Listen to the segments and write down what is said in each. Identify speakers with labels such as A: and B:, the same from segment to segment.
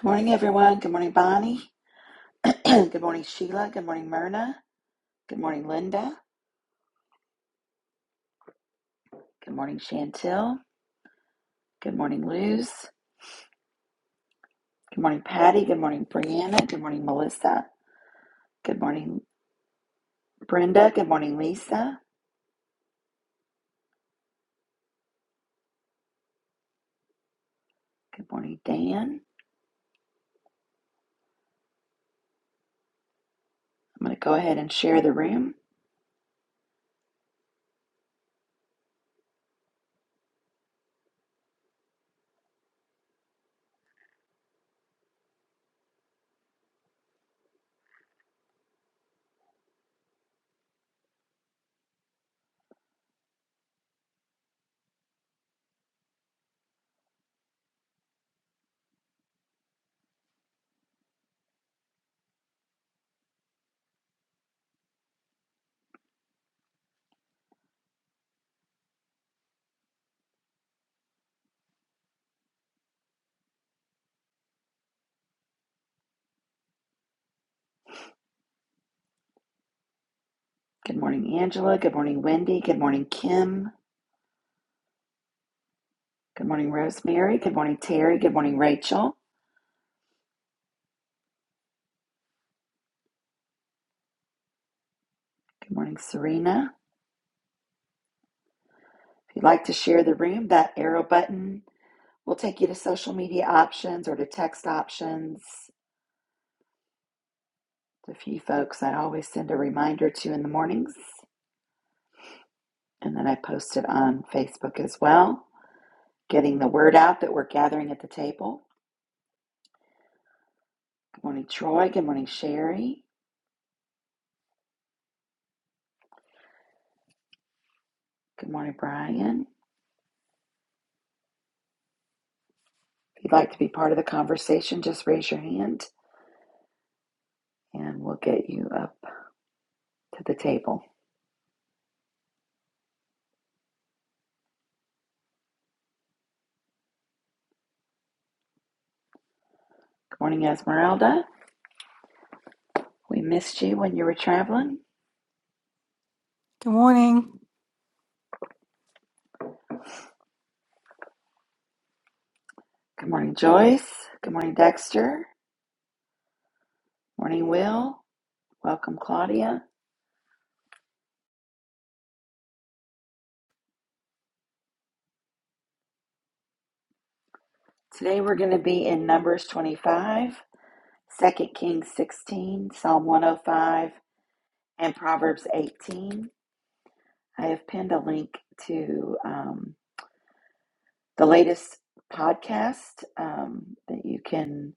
A: Good morning, everyone. Good morning, Bonnie. Good morning, Sheila. Good morning, Myrna. Good morning, Linda. Good morning, Chantel. Good morning, Luz. Good morning, Patty. Good morning, Brianna. Good morning, Melissa. Good morning, Brenda. Good morning, Lisa. Good morning, Dan. I'm going to go ahead and share the room. Good morning, Angela. Good morning, Wendy. Good morning, Kim. Good morning, Rosemary. Good morning, Terry. Good morning, Rachel. Good morning, Serena. If you'd like to share the room, that arrow button We'll take you to social media options or to text options. a few folks I always send a reminder to in the mornings, and then I post it on Facebook as well, getting the word out that we're gathering at the table. Good morning, Troy. Good morning, Sherry. Good morning, Brian. If you'd like to be part of the conversation, just raise your hand and we'll get you up to the table. Good morning, Esmeralda. We missed you when you were traveling.
B: Good morning.
A: Good morning, Joyce. Good morning, Dexter. Morning, Will. Welcome, Claudia. Today we're going to be in Numbers 25, Second Kings 16, Psalm 105, and Proverbs 18. I have pinned a link to um, the latest podcast um, that you can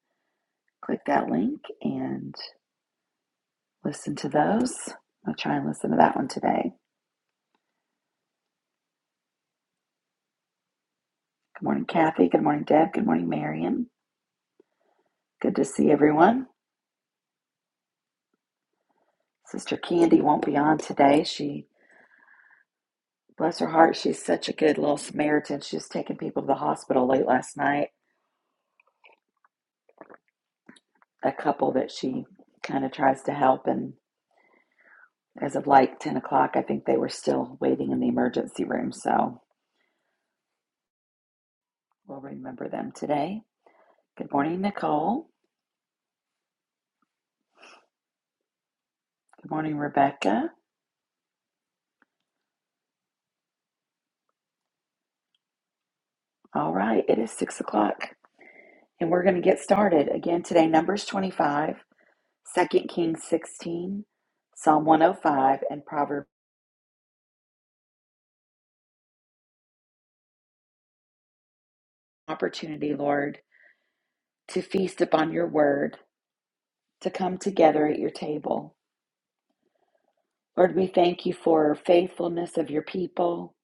A: click that link and listen to those. I'll try and listen to that one today. Good morning, Kathy. Good morning, Deb. Good morning, Marion. Good to see everyone. Sister Candy won't be on today. She Bless her heart. She's such a good little Samaritan. She was taking people to the hospital late last night. A couple that she kind of tries to help. And as of like 10 o'clock, I think they were still waiting in the emergency room. So we'll remember them today. Good morning, Nicole. Good morning, Rebecca. All right, it is 6 o'clock and we're going to get started. Again, today, Numbers 25, Second Kings 16, Psalm 105, and Proverbs Opportunity, Lord, to feast upon your word to come together at your table. Lord, we thank you for faithfulness of your people.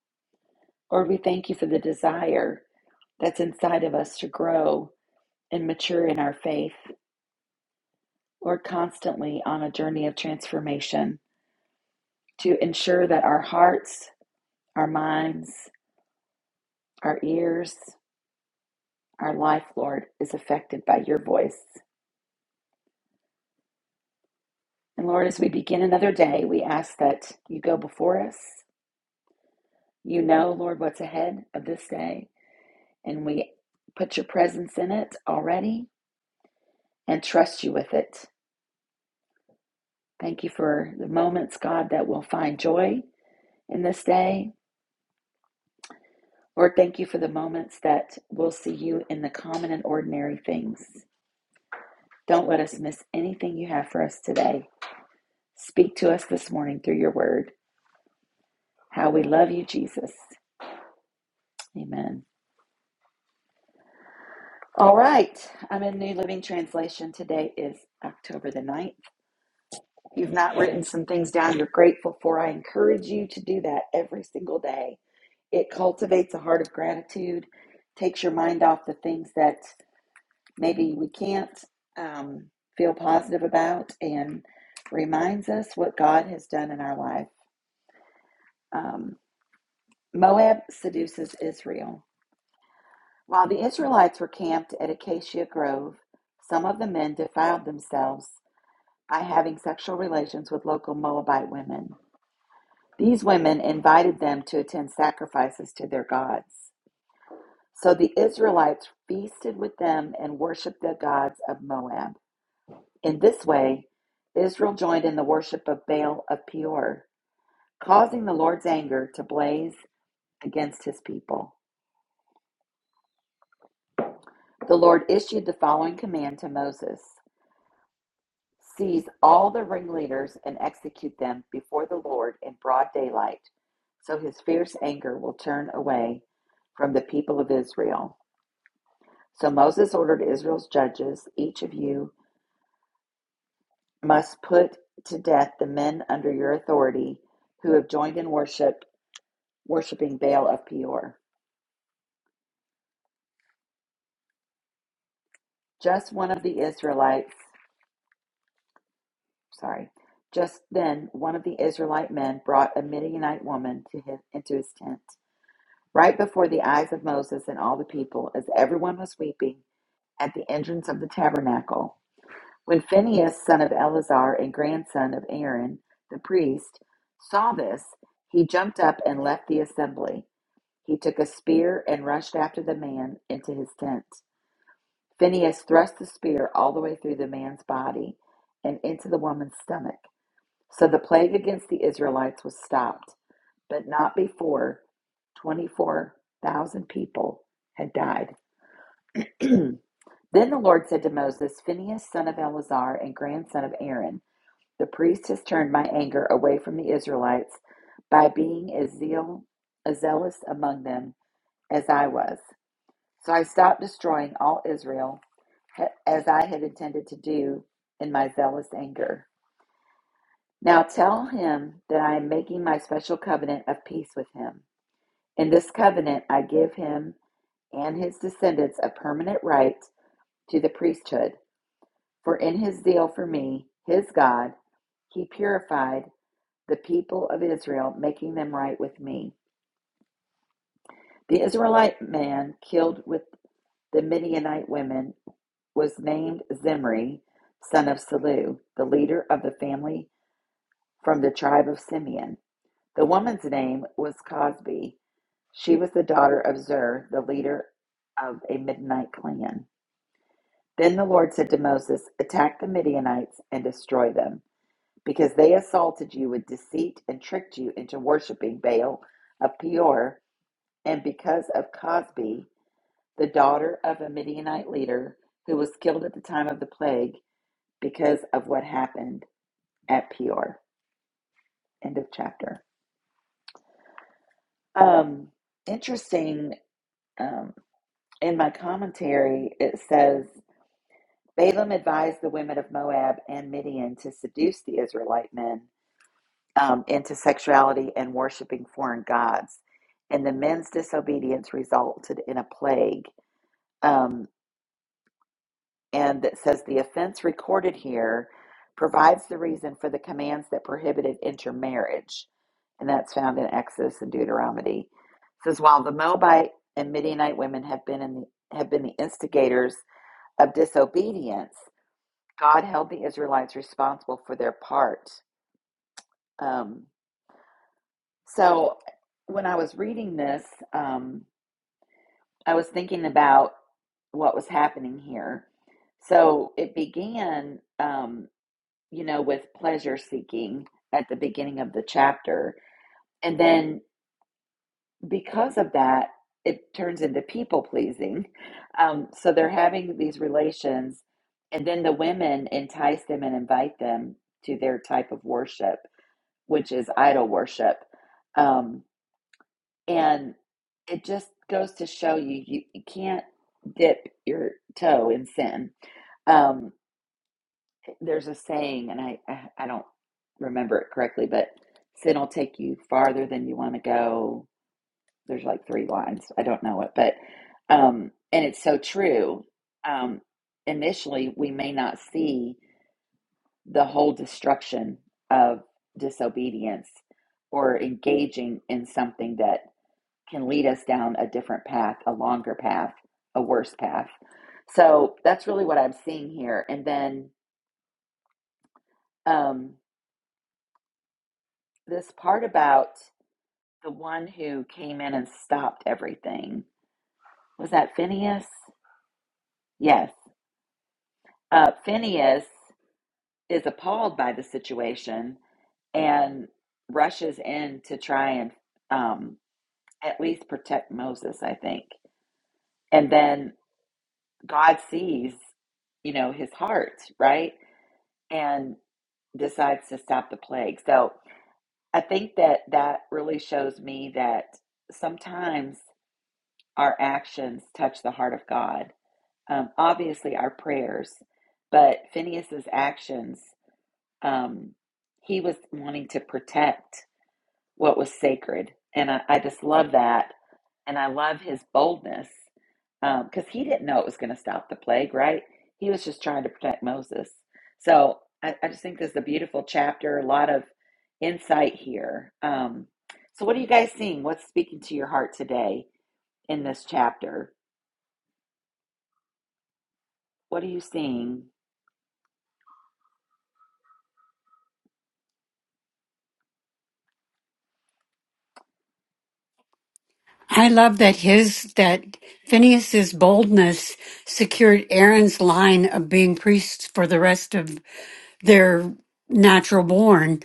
A: Lord, we thank you for the desire that's inside of us to grow and mature in our faith. Lord, constantly on a journey of transformation to ensure that our hearts, our minds, our ears, our life, Lord, is affected by your voice. And Lord, as we begin another day, we ask that you go before us. You know, Lord, what's ahead of this day. and we put your presence in it already and trust you with it. Thank you for the moments, God, that we'll find joy in this day. Lord, thank you for the moments that we'll see you in the common and ordinary things. Don't let us miss anything you have for us today. Speak to us this morning through your word. How we love you, Jesus. Amen. All right. I'm in New Living Translation. Today is October the ninth. You've not written some things down you're grateful for. I encourage you to do that every single day. It cultivates a heart of gratitude, takes your mind off the things that maybe we can't um, feel positive about, and reminds us what God has done in our life. Um, Moab seduces Israel. While the Israelites were camped at Acacia Grove, some of the men defiled themselves by having sexual relations with local Moabite women. These women invited them to attend sacrifices to their gods. So the Israelites feasted with them and worshiped the gods of Moab. In this way, Israel joined in the worship of Baal of Peor, causing the Lord's anger to blaze against his people. The Lord issued the following command to Moses Seize all the ringleaders and execute them before the Lord in broad daylight, so his fierce anger will turn away from the people of Israel. So Moses ordered Israel's judges, Each of you must put to death the men under your authority who have joined in worship, worshiping Baal of Peor. Just one of the Israelites, sorry, just then one of the Israelite men brought a Midianite woman to his, into his tent, right before the eyes of Moses and all the people, as everyone was weeping at the entrance of the tabernacle. When Phinehas, son of Eleazar and grandson of Aaron the priest, saw this, he jumped up and left the assembly. He took a spear and rushed after the man into his tent. Phinehas thrust the spear all the way through the man's body and into the woman's stomach. So the plague against the Israelites was stopped, but not before 24,000 people had died. then the Lord said to Moses, Phinehas, son of Eleazar and grandson of Aaron, The priest has turned my anger away from the Israelites by being as, zeal, as zealous among them as I was. So I stopped destroying all Israel as I had intended to do in my zealous anger. Now tell him that I am making my special covenant of peace with him. In this covenant, I give him and his descendants a permanent right to the priesthood, for in his zeal for me, his God, he purified the people of Israel, making them right with me. The Israelite man killed with the Midianite women was named Zimri, son of Salu, the leader of the family from the tribe of Simeon. The woman's name was Cosbi. She was the daughter of Zer, the leader of a Midianite clan. Then the Lord said to Moses, Attack the Midianites and destroy them, because they assaulted you with deceit and tricked you into worshiping Baal of Peor and because of Cosbi, the daughter of a Midianite leader who was killed at the time of the plague because of what happened at Peor. End of chapter. Um, interesting. Um, in my commentary, it says Balaam advised the women of Moab and Midian to seduce the Israelite men um, into sexuality and worshiping foreign gods. And the men's disobedience resulted in a plague. Um, and that says the offense recorded here provides the reason for the commands that prohibited intermarriage. And that's found in Exodus and Deuteronomy. It says while the Moabite and Midianite women have been in the, have been the instigators of disobedience, God held the Israelites responsible for their part. Um, so when I was reading this, um, I was thinking about what was happening here. So it began. um, you know, with pleasure seeking at the beginning of the chapter. And then because of that, it turns into people pleasing. Um, so they're having these relations, and then the women entice them and invite them to their type of worship, which is idol worship. Um, and it just goes to show you, you, you can't dip your toe in sin. Um, there's a saying, and I, I I don't remember it correctly, but sin will take you farther than you want to go. There's like three lines. I don't know it, but um, and it's so true. Um, initially, we may not see the whole destruction of disobedience or engaging in something that can lead us down a different path, a longer path, a worse path. So that's really what I'm seeing here. And then. Um, this part about the one who came in and stopped everything was that Phineas? Yes. Uh, Phineas is appalled by the situation and rushes in to try and um, at least protect Moses, I think. And then God sees, you know, his heart, right? And decides to stop the plague. So I think that that really shows me that sometimes. our actions touch the heart of God. Um, obviously, our prayers, but Phineas's actions, um, he was wanting to protect what was sacred, and I, I just love that, and I love his boldness because um, he didn't know it was going to stop the plague, right? He was just trying to protect Moses. So I, I just think this is a beautiful chapter, a lot of insight here. Um, so, what are you guys seeing? What's speaking to your heart today in this chapter? What are you seeing?
C: I love that his that Phineas's boldness secured Aaron's line of being priests for the rest of their natural born.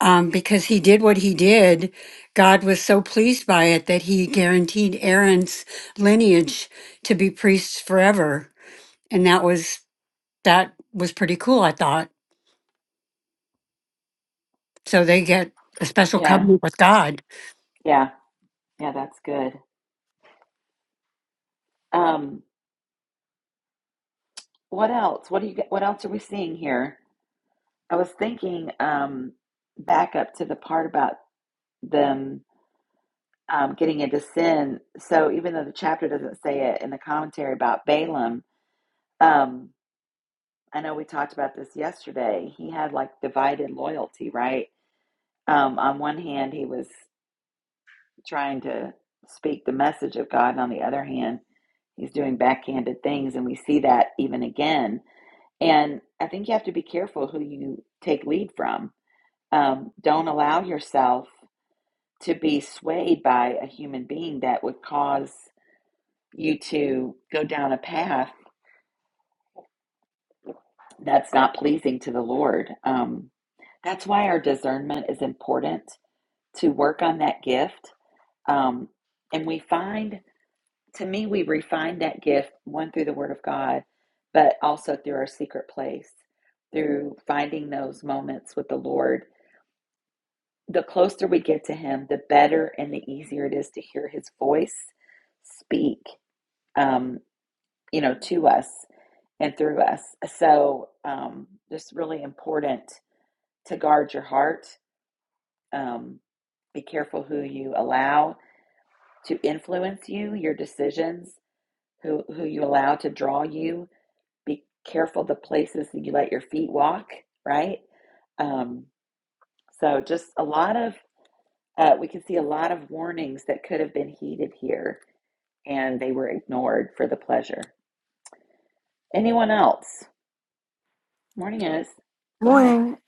C: Um, because he did what he did, God was so pleased by it that he guaranteed Aaron's lineage to be priests forever, and that was that was pretty cool. I thought so. They get a special
A: Yeah,
C: covenant with God.
A: yeah, yeah. That's good. Um, what else? What do you? What else are we seeing here? I was thinking um, back up to the part about them um, getting into sin. So even though the chapter doesn't say it in the commentary about Balaam, um, I know we talked about this yesterday. He had like divided loyalty, right? Um, on one hand, he was trying to speak the message of God. And on the other hand, he's doing backhanded things. And we see that even again. And I think you have to be careful who you take lead from. Um, don't allow yourself to be swayed by a human being that would cause you to go down a path that's not pleasing to the Lord. Um, that's why our discernment is important to work on that gift. Um, and we find to me, we refine that gift one through the Word of God, but also through our secret place, through finding those moments with the Lord. The closer we get to Him, the better and the easier it is to hear His voice speak, um, you know, to us and through us. So, um, just really important to guard your heart. Um, be careful who you allow to influence you, your decisions, who who you allow to draw you be careful the places that you let your feet walk, right? Um, so just a lot of uh, we can see a lot of warnings that could have been heeded here, and they were ignored for the pleasure. Anyone else? Morning, Ez. Go ahead.
B: Morning.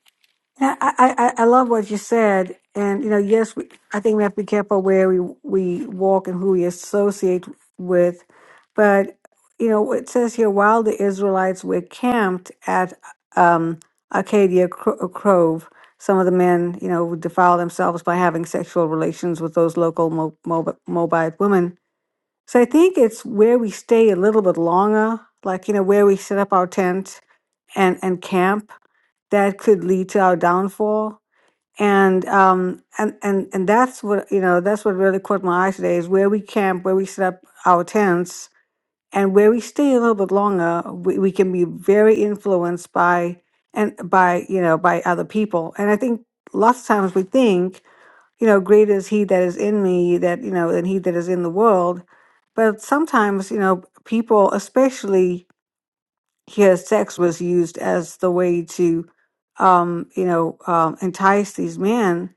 B: I, I, I I love what you said. And, you know, yes, we, I think we have to be careful where we, we walk and who we associate with. But, you know, it says here while the Israelites were camped at um, Arcadia Cro- Grove, some of the men, you know, would defile themselves by having sexual relations with those local Mo- Moab- Moabite women. So I think it's where we stay a little bit longer, like, you know, where we set up our tent and, and camp that could lead to our downfall. And um and and and that's what you know that's what really caught my eye today is where we camp, where we set up our tents, and where we stay a little bit longer. We, we can be very influenced by and by you know by other people. And I think lots of times we think you know greater is He that is in me that you know than He that is in the world. But sometimes you know people, especially his sex was used as the way to, um, you know, um, entice these men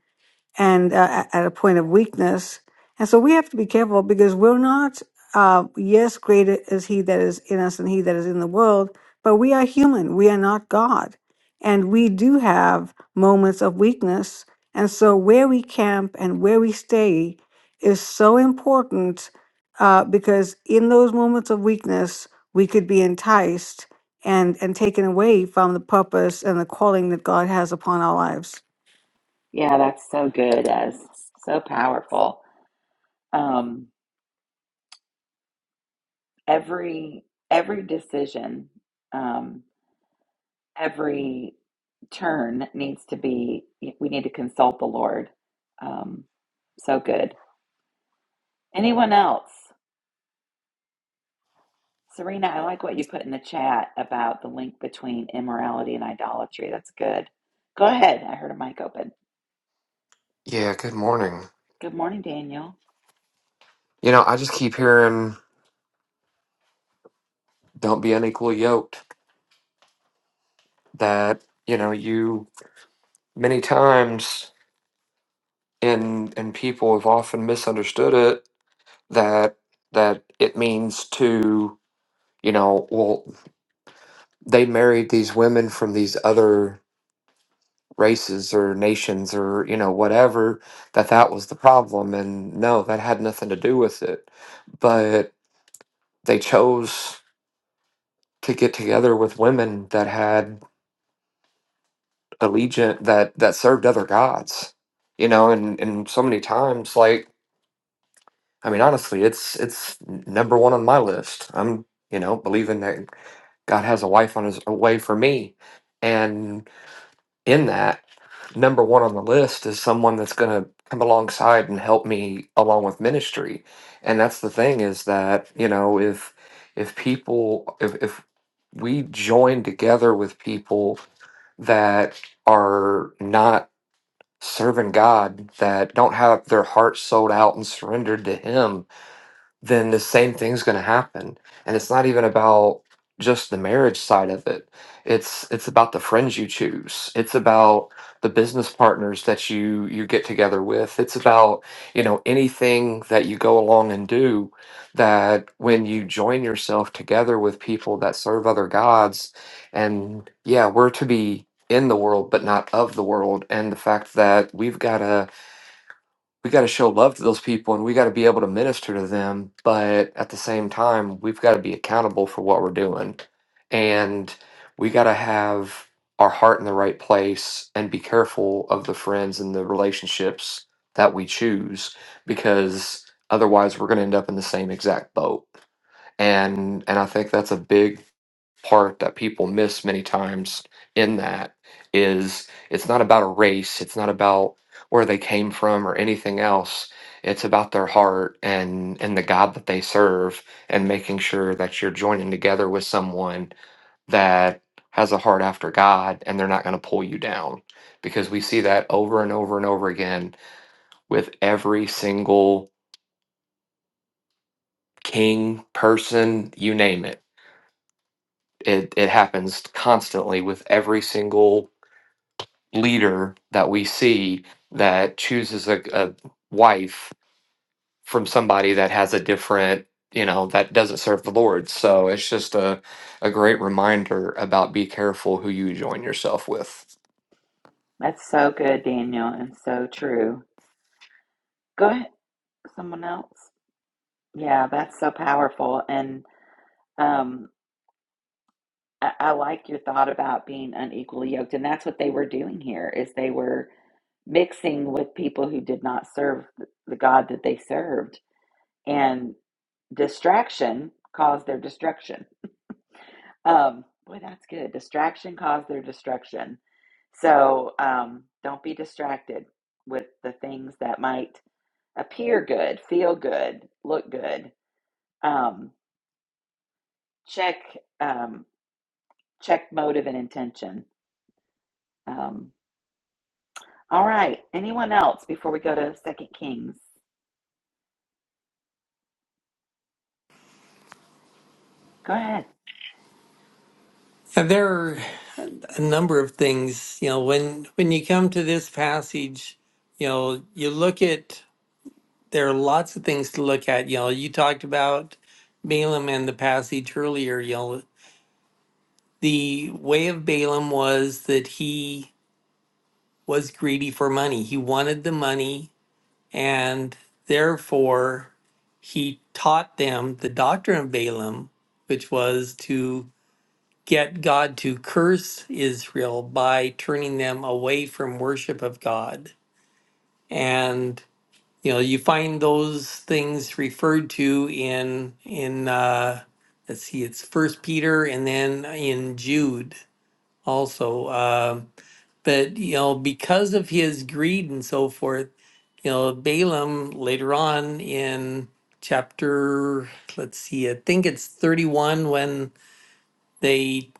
B: and uh, at a point of weakness. And so we have to be careful because we're not, uh, yes, greater is He that is in us and He that is in the world, but we are human. We are not God. And we do have moments of weakness. And so where we camp and where we stay is so important uh, because in those moments of weakness, we could be enticed and, and taken away from the purpose and the calling that God has upon our lives.
A: Yeah, that's so good, Ez. So powerful. Um, every every decision, um, every turn needs to be. We need to consult the Lord. Um, so good. Anyone else? Serena, I like what you put in the chat about the link between immorality and idolatry. That's good. Go ahead. I heard a mic open.
D: Yeah, good morning.
A: Good morning, Daniel.
D: You know, I just keep hearing don't be unequally yoked that, you know, you many times and and people have often misunderstood it that that it means to, you know, well, they married these women from these other races or nations or, you know, whatever, that that was the problem and no, that had nothing to do with it. But they chose to get together with women that had allegiant that that served other gods you know and and so many times like i mean honestly it's it's number one on my list i'm you know believing that god has a wife on his a way for me and in that number one on the list is someone that's going to come alongside and help me along with ministry and that's the thing is that you know if if people if if we join together with people that are not serving God that don't have their heart sold out and surrendered to Him then the same thing's going to happen and it's not even about just the marriage side of it it's it's about the friends you choose it's about the business partners that you you get together with it's about you know anything that you go along and do that when you join yourself together with people that serve other gods and yeah we're to be in the world but not of the world and the fact that we've got to we got to show love to those people and we got to be able to minister to them but at the same time we've got to be accountable for what we're doing and we got to have our heart in the right place and be careful of the friends and the relationships that we choose because otherwise we're going to end up in the same exact boat and and I think that's a big part that people miss many times in that is it's not about a race, it's not about where they came from or anything else. It's about their heart and and the God that they serve and making sure that you're joining together with someone that has a heart after God and they're not going to pull you down because we see that over and over and over again with every single king person, you name it It it happens constantly with every single leader that we see that chooses a, a wife from somebody that has a different you know that doesn't serve the Lord. So it's just a a great reminder about be careful who you join yourself with.
A: That's so good, Daniel, and so true. Go ahead. Someone else? Yeah, that's so powerful. And um, I, I like your thought about being unequally yoked. And that's what they were doing here is they were mixing with people who did not serve the the God that they served. And distraction caused their destruction Um, boy, that's good. Distraction caused their destruction. So um, don't be distracted with the things that might appear good, feel good, look good. Um, check um, check motive and intention. Um, all right. Anyone else before we go to Second Kings? Go ahead.
E: And there are a number of things, you know, when when you come to this passage, you know, you look at there are lots of things to look at. You know, you talked about Balaam and the passage earlier, you know, the way of Balaam was that he was greedy for money. He wanted the money and therefore he taught them the doctrine of Balaam, which was to get God to curse Israel by turning them away from worship of God. And you know, you find those things referred to in in uh, let's see, it's First Peter and then in Jude also. Uh, but you know, because of his greed and so forth, you know, Balaam later on in chapter, let's see, I think it's thirty-one when they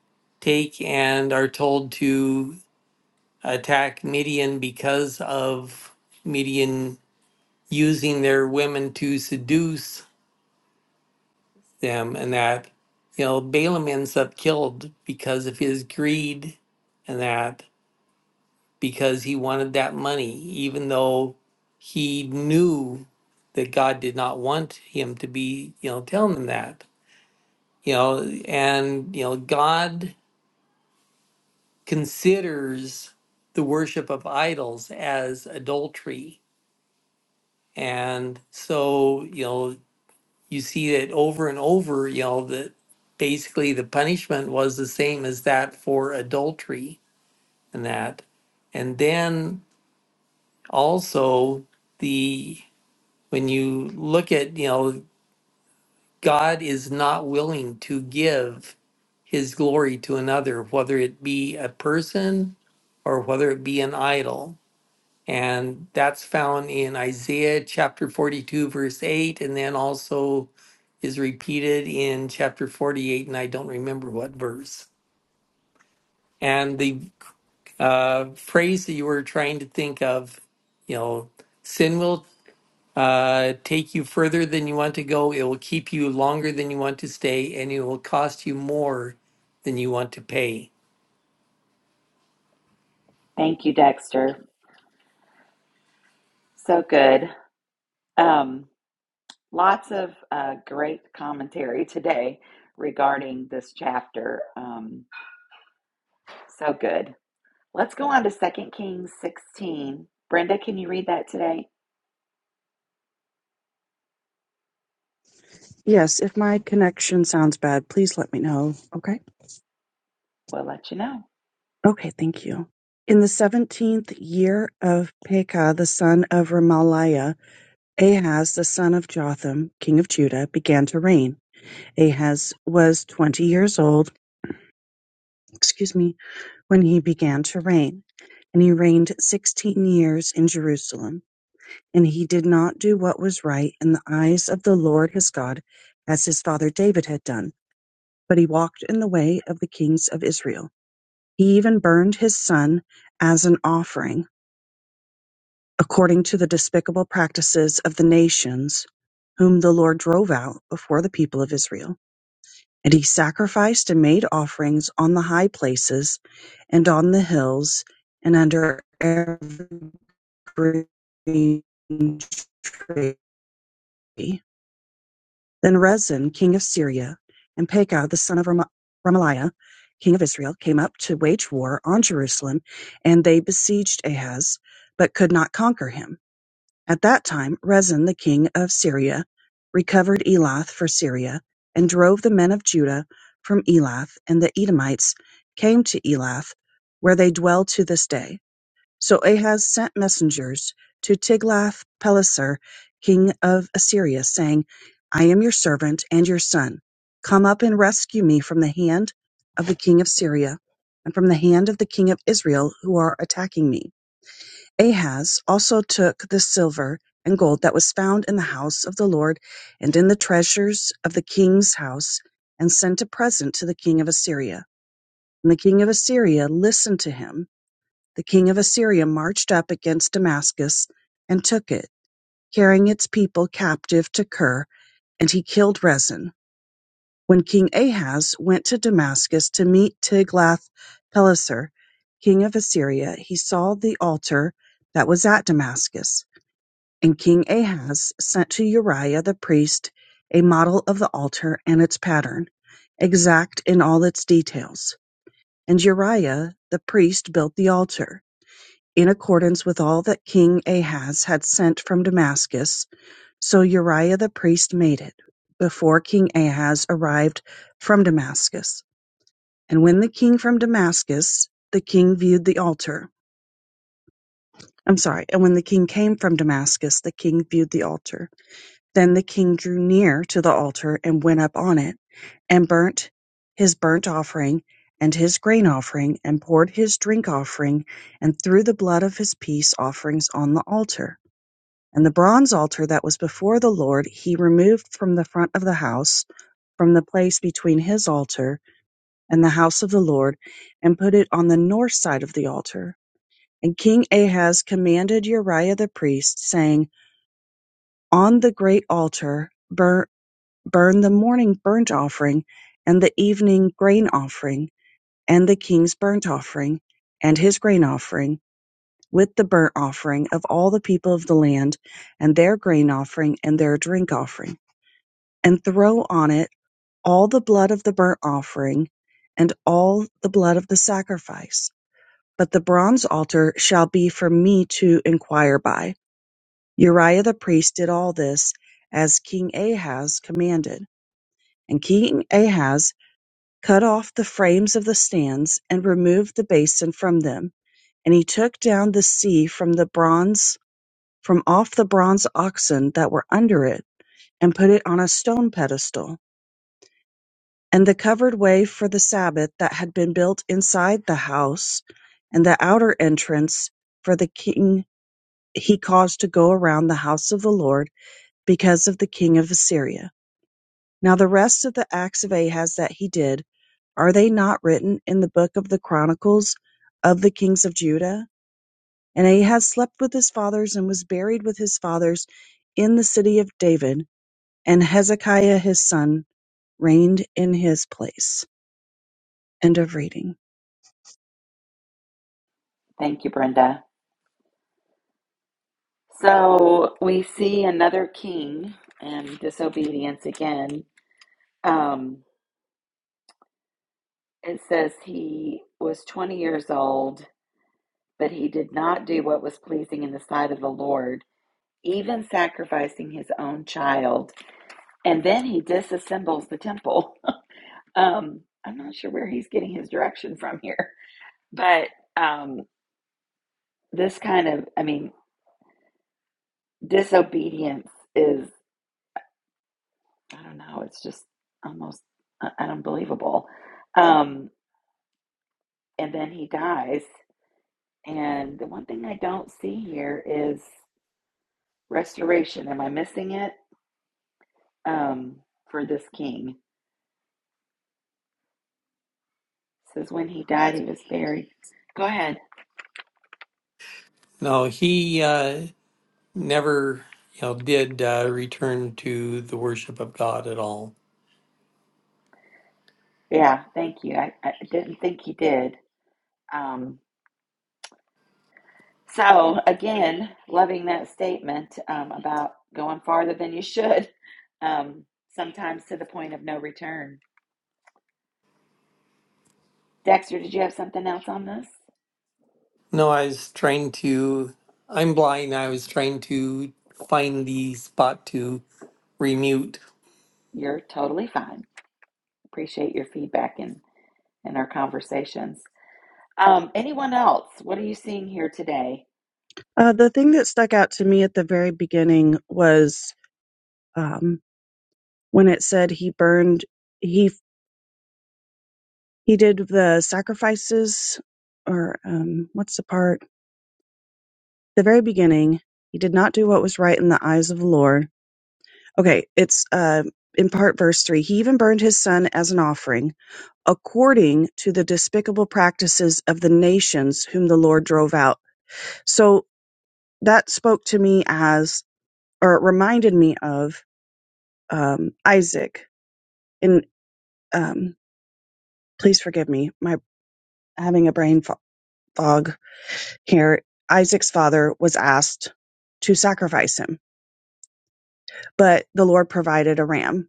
E: take and are told to attack Midian because of Midian using their women to seduce them, and that you know Balaam ends up killed because of his greed, and that because he wanted that money, even though he knew that God did not want him to be you know telling them that you know and you know God considers the worship of idols as adultery. And so, you know, you see it over and over, you know, that basically the punishment was the same as that for adultery and that. And then also the when you look at, you know, God is not willing to give his glory to another, whether it be a person or whether it be an idol And that's found in Isaiah chapter 42, verse 8, and then also is repeated in chapter 48, and I don't remember what verse. And the uh, phrase that you were trying to think of, you know, sin will uh, take you further than you want to go, it will keep you longer than you want to stay, and it will cost you more than you want to pay.
A: Thank you, Dexter. So good. Um, lots of uh, great commentary today regarding this chapter. Um, so good. Let's go on to Second Kings 16. Brenda, can you read that today?
F: Yes, if my connection sounds bad, please let me know. Okay.
A: We'll let you know.
F: Okay, thank you. In the seventeenth year of Pekah, the son of Remaliah, Ahaz, the son of Jotham, king of Judah, began to reign. Ahaz was twenty years old, excuse me, when he began to reign, and he reigned sixteen years in Jerusalem. And he did not do what was right in the eyes of the Lord his God, as his father David had done, but he walked in the way of the kings of Israel. He even burned his son as an offering, according to the despicable practices of the nations whom the Lord drove out before the people of Israel. And he sacrificed and made offerings on the high places and on the hills and under every green tree. Then Rezin king of Syria, and Pekah the son of Remaliah king of Israel, came up to wage war on Jerusalem, and they besieged Ahaz, but could not conquer him. At that time Rezin the king of Syria recovered Elath for Syria, and drove the men of Judah from Elath, and the Edomites came to Elath, where they dwell to this day. So Ahaz sent messengers to Tiglath-Pileser, king of Assyria, saying, I am your servant and your son. Come up and rescue me from the hand of the king of Syria and from the hand of the king of Israel who are attacking me. Ahaz also took the silver and gold that was found in the house of the Lord and in the treasures of the king's house and sent a present to the king of Assyria. And the king of Assyria listened to him the king of Assyria marched up against Damascus and took it, carrying its people captive to Kir, and he killed Rezin. When King Ahaz went to Damascus to meet Tiglath-Pileser, king of Assyria, he saw the altar that was at Damascus. And King Ahaz sent to Uriah the priest a model of the altar and its pattern, exact in all its details. And Uriah the priest built the altar in accordance with all that king Ahaz had sent from Damascus. So Uriah the priest made it, before king Ahaz arrived from Damascus. And when the king from Damascus, the king viewed the altar. I'm sorry, and when the king came from Damascus, the king viewed the altar. Then the king drew near to the altar and went up on it, and burnt his burnt offering and his grain offering, and poured his drink offering, and threw the blood of his peace offerings on the altar. And the bronze altar that was before the Lord he removed from the front of the house, from the place between his altar and the house of the Lord, and put it on the north side of the altar. And King Ahaz commanded Uriah the priest, saying, On the great altar burn, burn the morning burnt offering, and the evening grain offering, and the king's burnt offering, and his grain offering, with the burnt offering of all the people of the land, and their grain offering, and their drink offering and throw on it all the blood of the burnt offering and all the blood of the sacrifice. But the bronze altar shall be for me to inquire by. Uriah the priest did all this as King Ahaz commanded. And King Ahaz cut off the frames of the stands and removed the basin from them. And he took down the sea from the bronze, from off the bronze oxen that were under it, and put it on a stone pedestal. And the covered way for the Sabbath that had been built inside the house, and the outer entrance for the king he caused to go around the house of the Lord because of the king of Assyria. Now the rest of the acts of Ahaz that he did, are they not written in the book of the chronicles of the kings of Judah? And Ahaz slept with his fathers and was buried with his fathers in the city of David, and Hezekiah his son reigned in his place. End of reading.
A: Thank you, Brenda. So we see another king and disobedience again. Um, it says he was 20 years old, but he did not do what was pleasing in the sight of the Lord, even sacrificing his own child. And then he disassembles the temple. Um, I'm not sure where he's getting his direction from here, but um, this kind of, I mean, disobedience is i don't know it's just almost uh, unbelievable um and then he dies and the one thing i don't see here is restoration am i missing it um for this king It says when he died he was buried go ahead
E: No, he uh, never, you know, did uh, return to the worship of God at all.
A: yeah thank you i, I didn't think he did um so again loving that statement um about going farther than you should um sometimes to the point of no return Dexter, did you have something else on this?
E: No, I was trying to. I'm blind. I was trying to find the spot to remute.
A: You're totally fine. Appreciate your feedback and and our conversations. Um, anyone else? What are you seeing here today?
F: Uh, the thing that stuck out to me at the very beginning was um, when it said he burned, he he did the sacrifices, or um, what's the part? The very beginning, he did not do what was right in the eyes of the Lord. Okay, it's uh, in part verse three. He even burned his son as an offering, according to the despicable practices of the nations whom the Lord drove out. So that spoke to me as, or it reminded me of um, Isaac and um, please forgive me, my having a brain fo- fog here. Isaac's father was asked to sacrifice him, but the Lord provided a ram.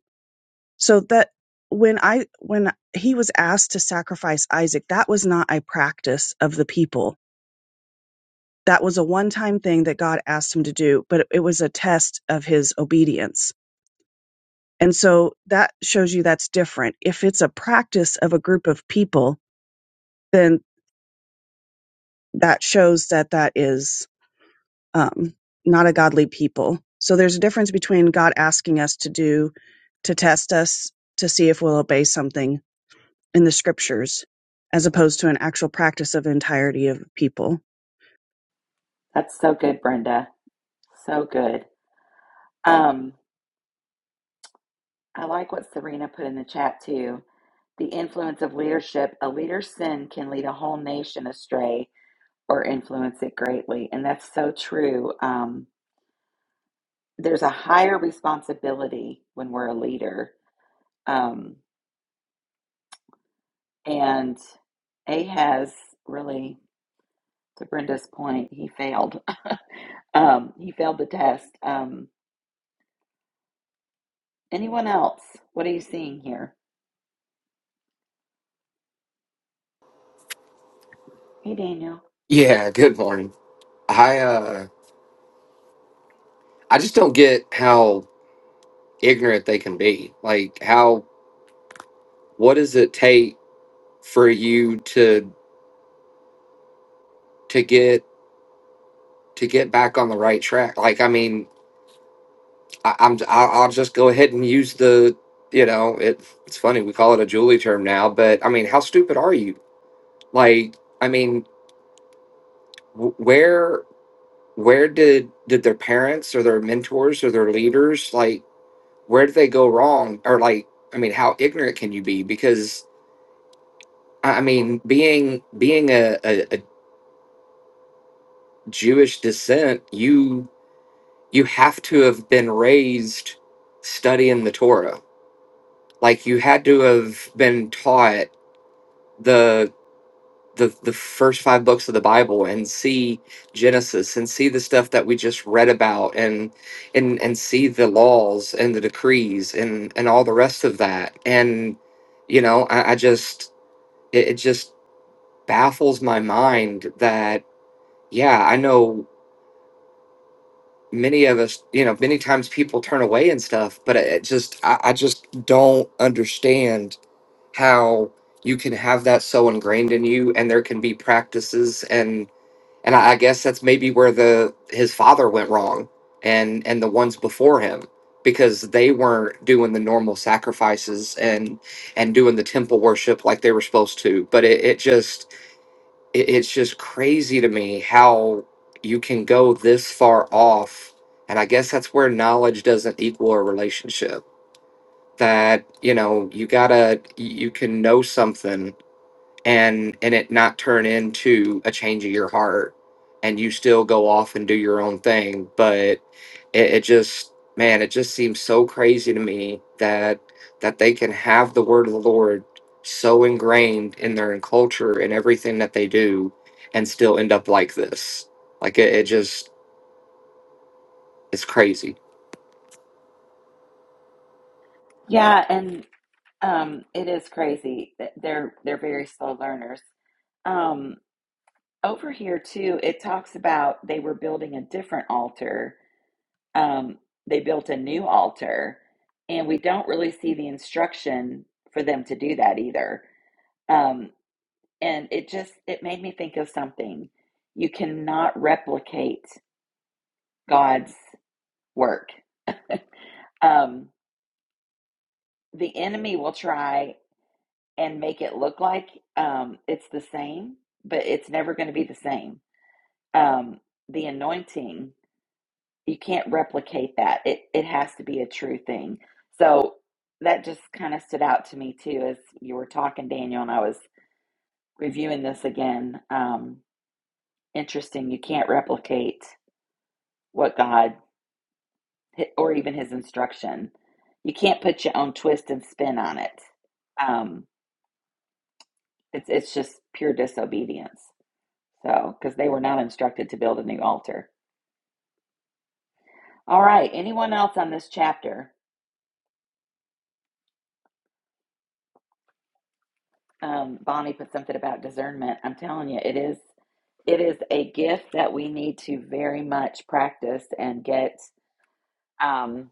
F: So that when I when he was asked to sacrifice Isaac, that was not a practice of the people. That was a one-time thing that God asked him to do, but it was a test of his obedience. And so that shows you that's different. If it's a practice of a group of people, then that shows that that is um, not a godly people. So there's a difference between God asking us to do, to test us, to see if we'll obey something in the scriptures, as opposed to an actual practice of entirety of people.
A: That's so good, Brenda. So good. Um, I like what Serena put in the chat too. The influence of leadership. A leader's sin can lead a whole nation astray or influence it greatly. And that's so true. Um, there's a higher responsibility when we're a leader. Um, And Ahaz really, to Brenda's point, he failed. Um, he failed the test. Um, anyone else? What are you seeing here? Hey, Daniel.
D: Yeah, good morning. I uh I just don't get how ignorant they can be. Like how what does it take for you to to get to get back on the right track? Like I mean, I, I'm I'll, I'll just go ahead and use the you know it it's funny we call it a Julie term now, but I mean how stupid are you? Like I mean wh- where where did did their parents or their mentors or their leaders like where did they go wrong or like I mean how ignorant can you be? Because I I mean being being a, a, a Jewish descent you you have to have been raised studying the Torah. Like you had to have been taught the the the first five books of the Bible and see Genesis and see the stuff that we just read about and and and see the laws and the decrees and and all the rest of that and you know I, I just it, it just baffles my mind that yeah I know many of us you know many times people turn away and stuff but it it just I, I just don't understand how you can have that so ingrained in you and there can be practices and and I, I guess that's maybe where the his father went wrong, and and the ones before him because they weren't doing the normal sacrifices and and doing the temple worship like they were supposed to. But it, it just it, it's just crazy to me how you can go this far off, and I guess that's where knowledge doesn't equal a relationship. That you know you gotta you can know something and and it not turn into a change of your heart and you still go off and do your own thing but it, it just man it just seems so crazy to me that that they can have the word of the lord so ingrained in their culture and everything that they do and still end up like this like it, it just it's crazy
A: Yeah, and um, it is crazy. that They're they're very slow learners. Um, over here too, it talks about they were building a different altar. Um, they built a new altar, and we don't really see the instruction for them to do that either. Um, and it just it made me think of something you cannot replicate god's work um the enemy will try and make it look like um it's the same but it's never going to be the same um the anointing you can't replicate that it it has to be a true thing so that just kind of stood out to me too as you were talking daniel and i was reviewing this again um interesting you can't replicate what god or even his instruction. You can't put your own twist and spin on it. Um, it's it's just pure disobedience. So, because they were not instructed to build a new altar. All right. Anyone else on this chapter? Um, Bonnie put something about discernment. I'm telling you, it is it is a gift that we need to very much practice and get um,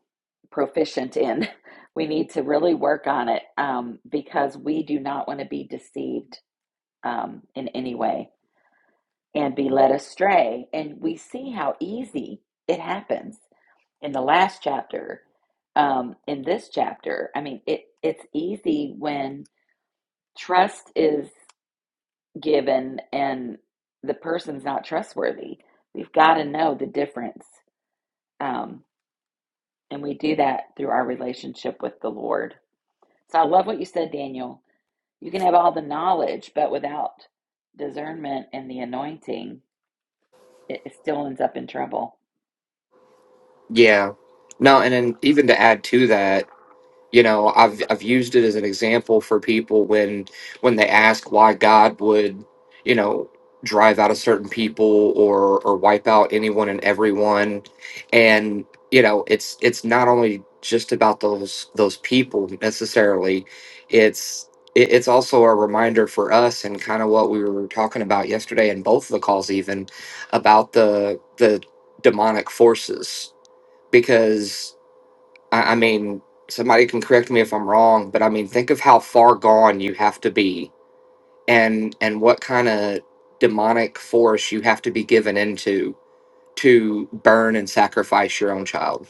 A: proficient in. We need to really work on it um, because we do not want to be deceived um, in any way and be led astray. And we see how easy it happens in the last chapter, um, in this chapter. I mean, it, it's easy when trust is given and the person's not trustworthy. We've got to know the difference. Um, and we do that through our relationship with the Lord. So I love what you said, Daniel. You can have all the knowledge, but without discernment and the anointing, it it still ends up in trouble.
D: yeah no and then even to add to that you know i've i've used it as an example for people when when they ask why god would you know drive out a certain people or or wipe out anyone and everyone and you know it's it's not only just about those those people necessarily it's it- it's also a reminder for us and kind of what we were talking about yesterday in both of the calls even about the the demonic forces because I, I mean, somebody can correct me if I'm wrong, but I mean, think of how far gone you have to be, and and what kind of demonic force you have to be given into to burn and sacrifice your own child.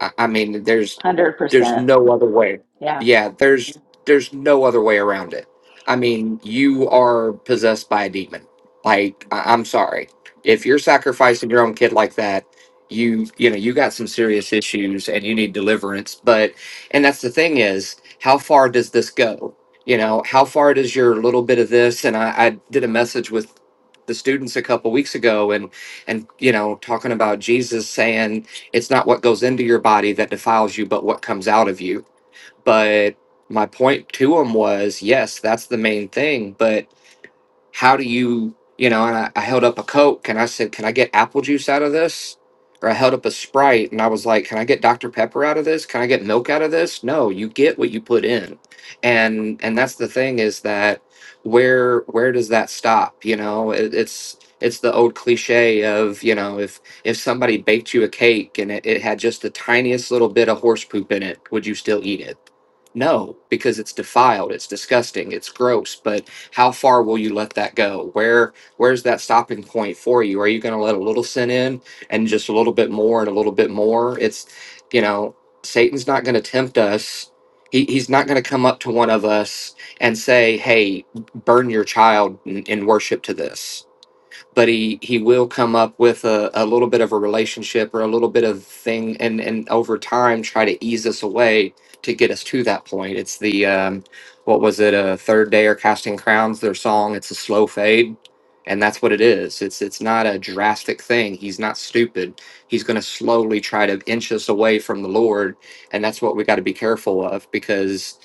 D: I, I mean, there's there's
A: 100%.
D: no other way.
A: Yeah,
D: Yeah, there's there's no other way around it. I mean, you are possessed by a demon. Like, I, I'm sorry, if you're sacrificing your own kid like that, you you know you got some serious issues and you need deliverance. But and that's the thing is, how far does this go? You know, how far does your little bit of this? And I, I did a message with the students a couple weeks ago, and and you know, talking about Jesus saying it's not what goes into your body that defiles you, but what comes out of you. But my point to him was yes, that's the main thing. But how do you you know and I, I held up a coke and i said can i get apple juice out of this or i held up a sprite and i was like can i get dr pepper out of this can i get milk out of this no you get what you put in and and that's the thing is that where where does that stop you know it, it's it's the old cliche of you know if if somebody baked you a cake and it, it had just the tiniest little bit of horse poop in it would you still eat it no because it's defiled it's disgusting it's gross but how far will you let that go where where's that stopping point for you are you going to let a little sin in and just a little bit more and a little bit more it's you know satan's not going to tempt us he, he's not going to come up to one of us and say hey burn your child and, and worship to this but he he will come up with a, a little bit of a relationship or a little bit of thing and and over time try to ease us away to get us to that point it's the um what was it a third day or casting crowns their song it's a slow fade and that's what it is it's it's not a drastic thing he's not stupid he's going to slowly try to inch us away from the lord and that's what we got to be careful of because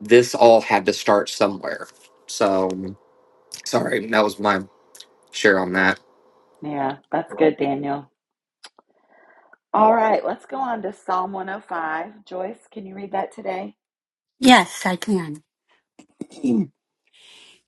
D: this all had to start somewhere so sorry that was my share on that
A: yeah, that's good, Daniel. All right, let's go on to Psalm 105. Joyce, can you read that today?
C: Yes, I can.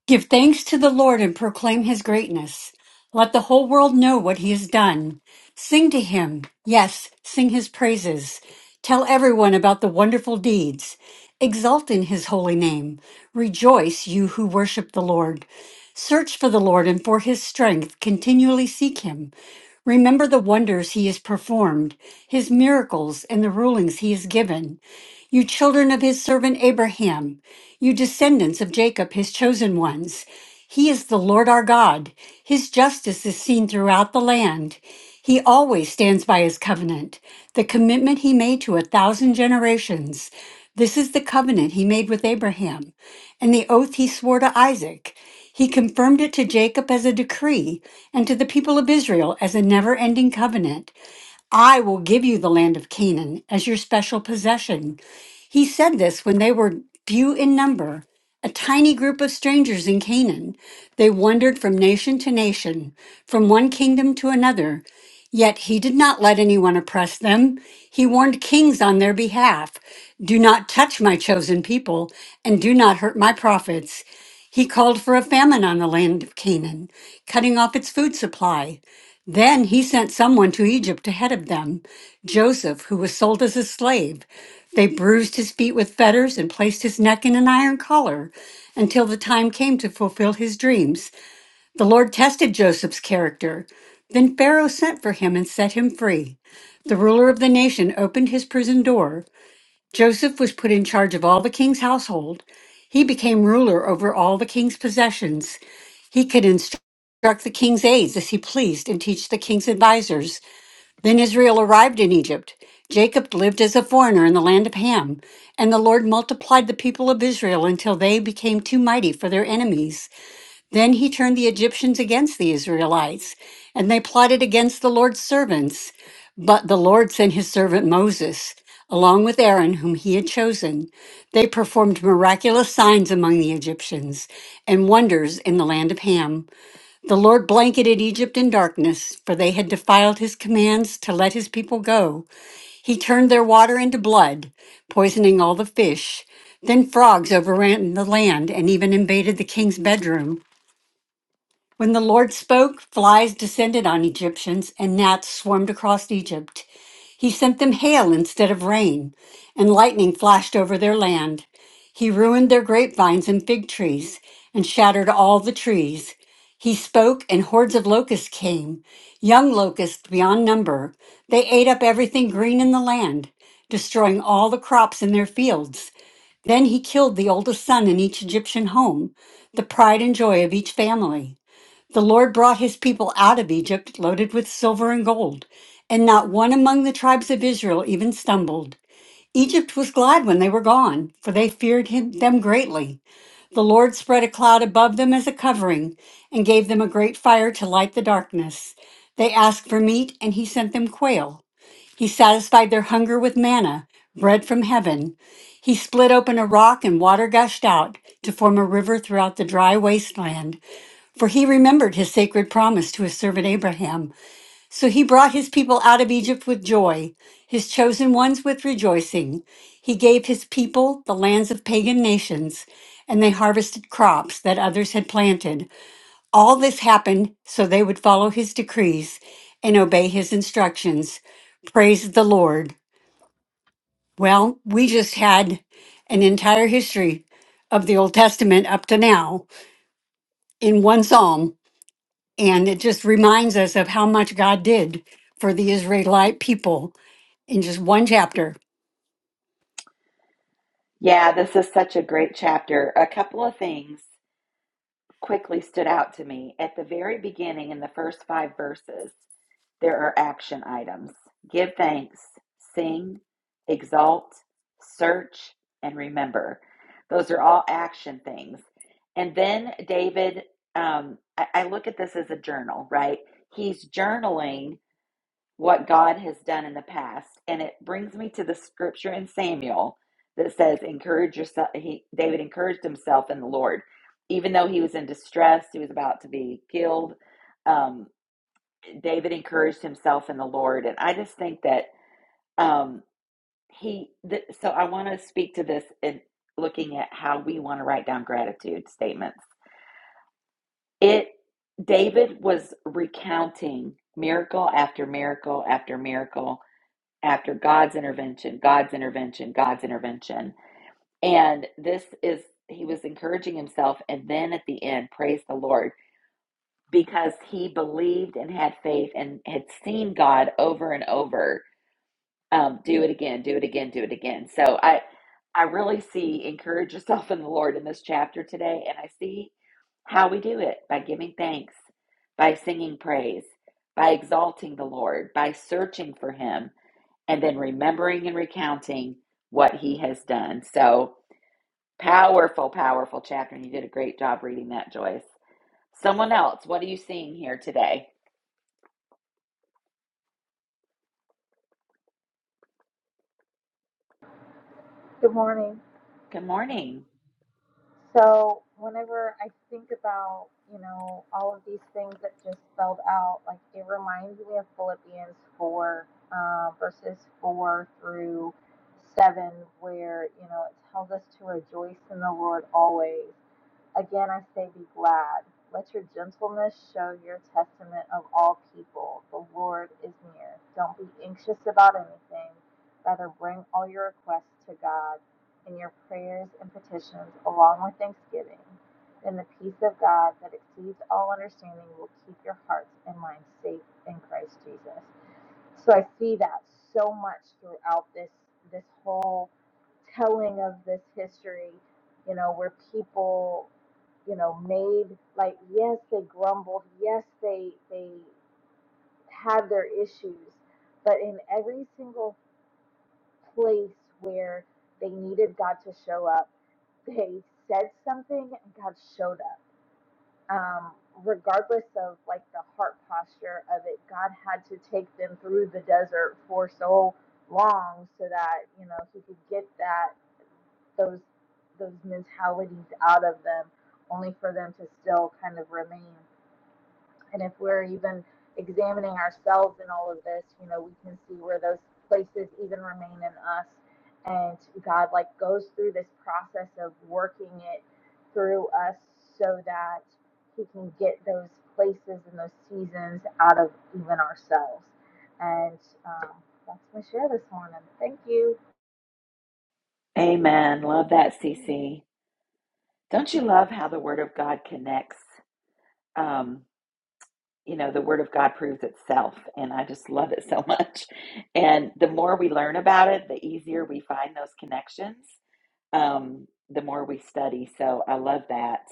C: Give thanks to the Lord and proclaim his greatness. Let the whole world know what he has done. Sing to him. Yes, sing his praises. Tell everyone about the wonderful deeds. Exult in his holy name. Rejoice, you who worship the Lord. Search for the Lord and for his strength. Continually seek him. Remember the wonders he has performed, his miracles, and the rulings he has given. You children of his servant Abraham, you descendants of Jacob, his chosen ones. He is the Lord our God. His justice is seen throughout the land. He always stands by his covenant, the commitment he made to a thousand generations. This is the covenant he made with Abraham and the oath he swore to Isaac. He confirmed it to Jacob as a decree and to the people of Israel as a never ending covenant. I will give you the land of Canaan as your special possession. He said this when they were few in number, a tiny group of strangers in Canaan. They wandered from nation to nation, from one kingdom to another. Yet he did not let anyone oppress them. He warned kings on their behalf Do not touch my chosen people, and do not hurt my prophets. He called for a famine on the land of Canaan, cutting off its food supply. Then he sent someone to Egypt ahead of them, Joseph, who was sold as a slave. They bruised his feet with fetters and placed his neck in an iron collar until the time came to fulfill his dreams. The Lord tested Joseph's character. Then Pharaoh sent for him and set him free. The ruler of the nation opened his prison door. Joseph was put in charge of all the king's household. He became ruler over all the king's possessions. He could instruct the king's aides as he pleased and teach the king's advisers. Then Israel arrived in Egypt. Jacob lived as a foreigner in the land of Ham, and the Lord multiplied the people of Israel until they became too mighty for their enemies. Then he turned the Egyptians against the Israelites, and they plotted against the Lord's servants. But the Lord sent his servant Moses, along with Aaron, whom he had chosen. They performed miraculous signs among the Egyptians and wonders in the land of Ham. The Lord blanketed Egypt in darkness, for they had defiled his commands to let his people go. He turned their water into blood, poisoning all the fish. Then frogs overran the land and even invaded the king's bedroom. When the Lord spoke, flies descended on Egyptians, and gnats swarmed across Egypt. He sent them hail instead of rain, and lightning flashed over their land. He ruined their grapevines and fig trees, and shattered all the trees. He spoke, and hordes of locusts came, young locusts beyond number. They ate up everything green in the land, destroying all the crops in their fields. Then he killed the oldest son in each Egyptian home, the pride and joy of each family. The Lord brought his people out of Egypt loaded with silver and gold, and not one among the tribes of Israel even stumbled. Egypt was glad when they were gone, for they feared him, them greatly. The Lord spread a cloud above them as a covering, and gave them a great fire to light the darkness. They asked for meat, and he sent them quail. He satisfied their hunger with manna, bread from heaven. He split open a rock, and water gushed out to form a river throughout the dry wasteland. For he remembered his sacred promise to his servant Abraham. So he brought his people out of Egypt with joy, his chosen ones with rejoicing. He gave his people the lands of pagan nations, and they harvested crops that others had planted. All this happened so they would follow his decrees and obey his instructions. Praise the Lord. Well, we just had an entire history of the Old Testament up to now in one psalm. And it just reminds us of how much God did for the Israelite people in just one chapter.
A: Yeah, this is such a great chapter. A couple of things quickly stood out to me. At the very beginning, in the first five verses, there are action items give thanks, sing, exalt, search, and remember. Those are all action things. And then David, um, I, I look at this as a journal, right? He's journaling what God has done in the past. And it brings me to the scripture in Samuel that says, Encourage yourself. He, David encouraged himself in the Lord. Even though he was in distress, he was about to be killed. Um, David encouraged himself in the Lord. And I just think that um, he, th- so I want to speak to this in looking at how we want to write down gratitude statements. It, David was recounting miracle after miracle after miracle after God's intervention, God's intervention, God's intervention. And this is, he was encouraging himself. And then at the end, praise the Lord, because he believed and had faith and had seen God over and over um, do it again, do it again, do it again. So I, I really see encourage yourself in the Lord in this chapter today. And I see how we do it by giving thanks, by singing praise, by exalting the Lord, by searching for him and then remembering and recounting what he has done. So powerful, powerful chapter. And you did a great job reading that, Joyce. Someone else, what are you seeing here today?
G: Good morning.
A: Good morning.
G: So, whenever I think about, you know, all of these things that just spelled out, like it reminds me of Philippians 4, uh, verses 4 through 7, where, you know, it tells us to rejoice in the Lord always. Again, I say, be glad. Let your gentleness show your testament of all people. The Lord is near. Don't be anxious about anything. Rather, bring all your requests to God in your prayers and petitions, along with thanksgiving. Then the peace of God that exceeds all understanding will keep your hearts and minds safe in Christ Jesus. So I see that so much throughout this this whole telling of this history, you know, where people, you know, made like yes, they grumbled, yes, they they had their issues, but in every single place where they needed God to show up, they said something and God showed up um, regardless of like the heart posture of it, God had to take them through the desert for so long so that you know He could get that those those mentalities out of them, only for them to still kind of remain. And if we're even examining ourselves in all of this, you know, we can see where those places even remain in us. And God, like, goes through this process of working it through us so that He can get those places and those seasons out of even ourselves. And um, that's my share this morning. Thank you.
A: Amen. Love that, CC. Don't you love how the Word of God connects? Um, you know, the Word of God proves itself, and I just love it so much. And the more we learn about it, the easier we find those connections, um, the more we study. So I love that.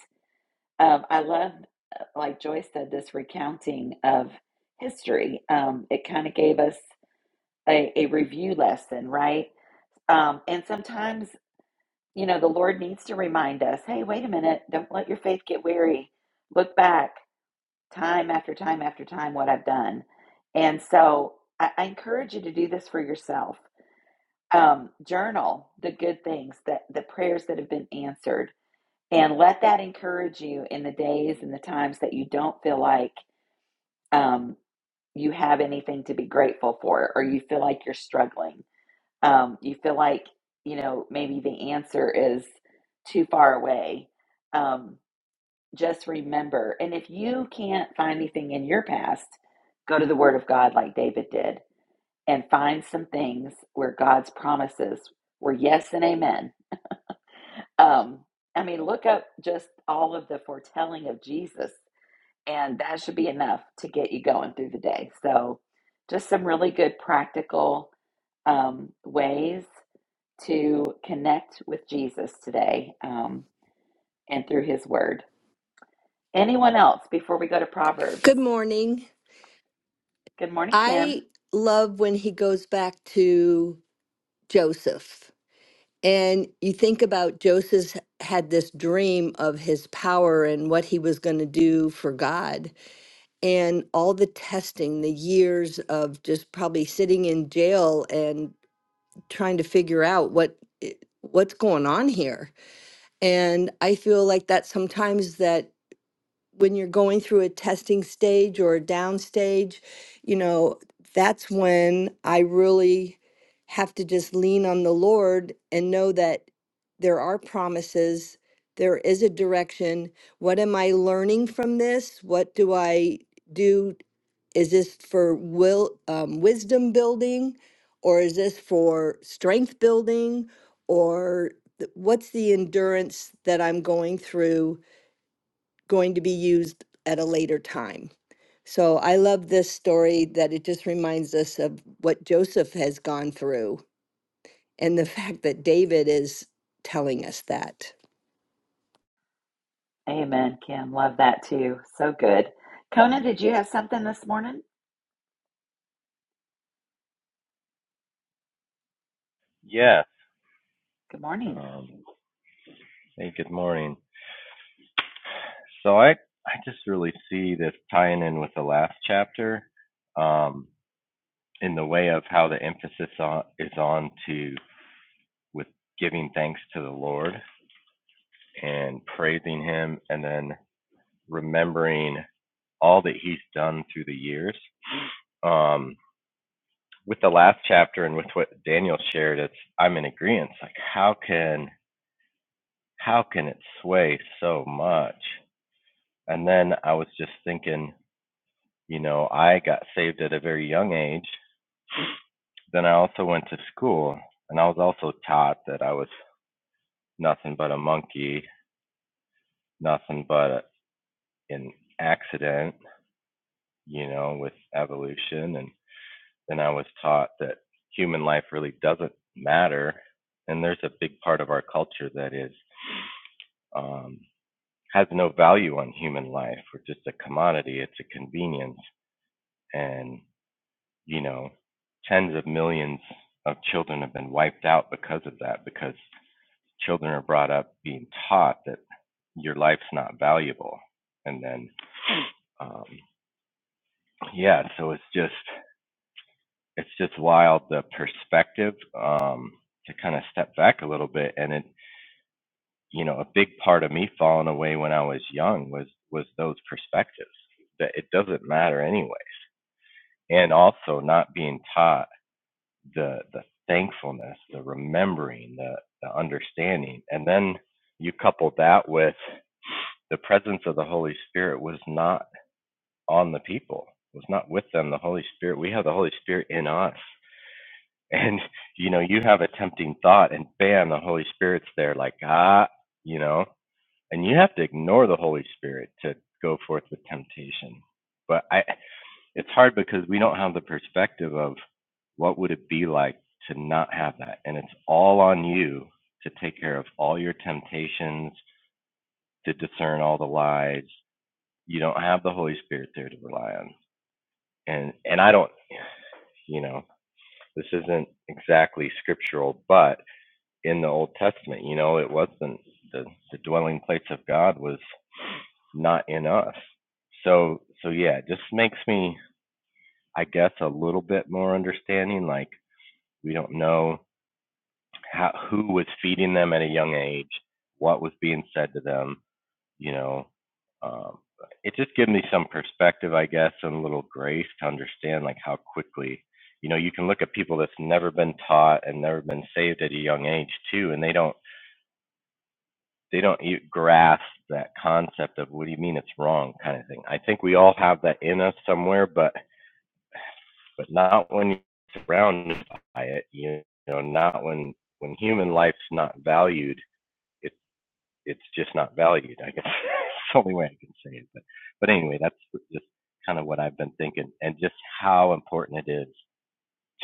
A: Um, I love, uh, like Joyce said, this recounting of history. Um, it kind of gave us a, a review lesson, right? Um, and sometimes, you know, the Lord needs to remind us hey, wait a minute, don't let your faith get weary. Look back time after time after time what I've done. And so I, I encourage you to do this for yourself. Um, journal the good things that the prayers that have been answered and let that encourage you in the days and the times that you don't feel like um, you have anything to be grateful for, or you feel like you're struggling, um, you feel like, you know, maybe the answer is too far away, um, just remember. And if you can't find anything in your past, go to the Word of God like David did and find some things where God's promises were yes and amen. Um, I mean, look up just all of the foretelling of Jesus and that should be enough to get you going through the day. So, just some really good practical um, ways to connect with Jesus today um, and through his word. Anyone else before we go to Proverbs?
H: Good morning.
A: Good morning, Kim.
H: I love when he goes back to Joseph. And you think about Joseph had this dream of his power and what he was going to do for God, and all the testing, the years of just probably sitting in jail and trying to figure out what eh, what's going on here. And I feel like that sometimes that when you're going through a testing stage or a down stage, you know, that's when I really have to just lean on the Lord and know that there are promises, there is a direction. What am I learning from this? What do I do? Is this for will um, wisdom building, or is this for strength building, or th- what's the endurance that I'm going through? going to be used at a later time. So I love this story that it just reminds us of what Joseph has gone through and the fact that David is telling us that.
A: Amen, Kim. Love that too. So good. Conan, did you have something this morning?
I: Yes.
A: Good morning.
I: Um, hey, good morning. So I I just really see this tying in with the last chapter, um, in the way of how the emphasis on, is on to with giving thanks to the Lord and praising Him, and then remembering all that He's done through the years. Um, with the last chapter and with what Daniel shared, it's I'm in agreement. Like how can how can it sway so much? And then I was just thinking You know, I got saved at a very young age. Then I also went to school, and I was also taught that I was nothing but a monkey, nothing but a, an accident, you know, with evolution. And then I was taught that human life really doesn't matter. And there's a big part of our culture that is um, has no value on human life. We're just a commodity. It's a convenience, and you know, tens of millions of children have been wiped out because of that, because children are brought up being taught that your life's not valuable. And then, um, yeah, so it's just, it's just wild the perspective um, to kind of step back a little bit. And it, you know, a big part of me falling away when I was young was, was those perspectives that it doesn't matter anyway. And also not being taught the the thankfulness, the remembering, the the understanding, and then you couple that with the presence of the Holy Spirit was not on the people, was not with them. The Holy Spirit, we have the Holy Spirit in us, and you know you have a tempting thought, and bam, the Holy Spirit's there, like ah, you know, and you have to ignore the Holy Spirit to go forth with temptation. But I it's hard because we don't have the perspective of what would it be like to not have that and it's all on you to take care of all your temptations to discern all the lies you don't have the holy spirit there to rely on and and i don't you know this isn't exactly scriptural but in the old testament you know it wasn't the the dwelling place of god was not in us so so yeah it just makes me i guess a little bit more understanding like We don't know how, who was feeding them at a young age, what was being said to them. You know, um, it just gives me some perspective, I guess, and a little grace to understand like how quickly, you know, you can look at people that's never been taught and never been saved at a young age too, and they don't they don't e- grasp that concept of what do you mean it's wrong kind of thing. I think we all have that in us somewhere, but but not when you're surrounded by it. You know, not when when human life's not valued. It's it's just not valued. I guess that's the only way I can say it. But but anyway, that's just kind of what I've been thinking, and just how important it is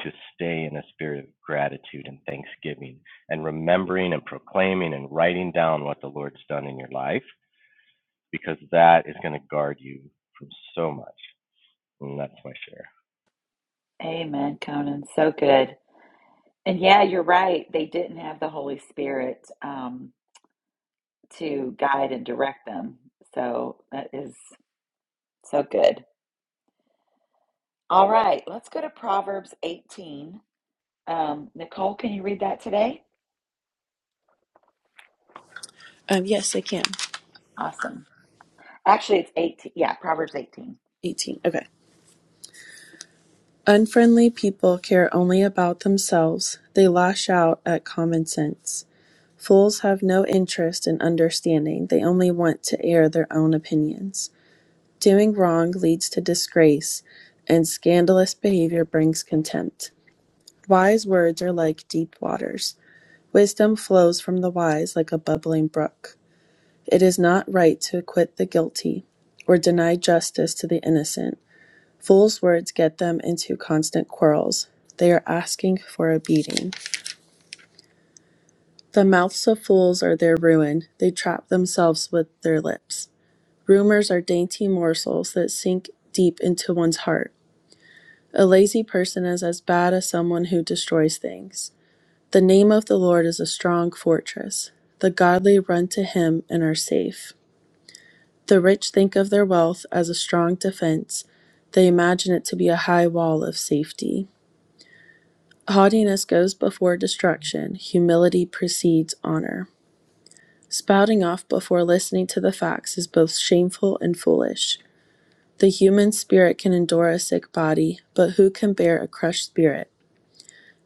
I: to stay in a spirit of gratitude and thanksgiving, and remembering and proclaiming and writing down what the Lord's done in your life, because that is going to guard you from so much. And that's my share.
A: Amen, Conan. So good. And yeah, you're right. They didn't have the Holy Spirit. Um, to guide and direct them. So that is so good. All right, let's go to Proverbs 18. Um, Nicole, can you read that today?
J: Um, yes, I can.
A: Awesome. Actually, it's 18. Yeah, Proverbs 18.
J: 18. Okay. Unfriendly people care only about themselves. They lash out at common sense. Fools have no interest in understanding. They only want to air their own opinions. Doing wrong leads to disgrace, and scandalous behavior brings contempt. Wise words are like deep waters. Wisdom flows from the wise like a bubbling brook. It is not right to acquit the guilty or deny justice to the innocent. Fools' words get them into constant quarrels. They are asking for a beating. The mouths of fools are their ruin. They trap themselves with their lips. Rumors are dainty morsels that sink deep into one's heart. A lazy person is as bad as someone who destroys things. The name of the Lord is a strong fortress. The godly run to him and are safe. The rich think of their wealth as a strong defense. They imagine it to be a high wall of safety. Haughtiness goes before destruction; humility precedes honor. Spouting off before listening to the facts is both shameful and foolish. The human spirit can endure a sick body, but who can bear a crushed spirit?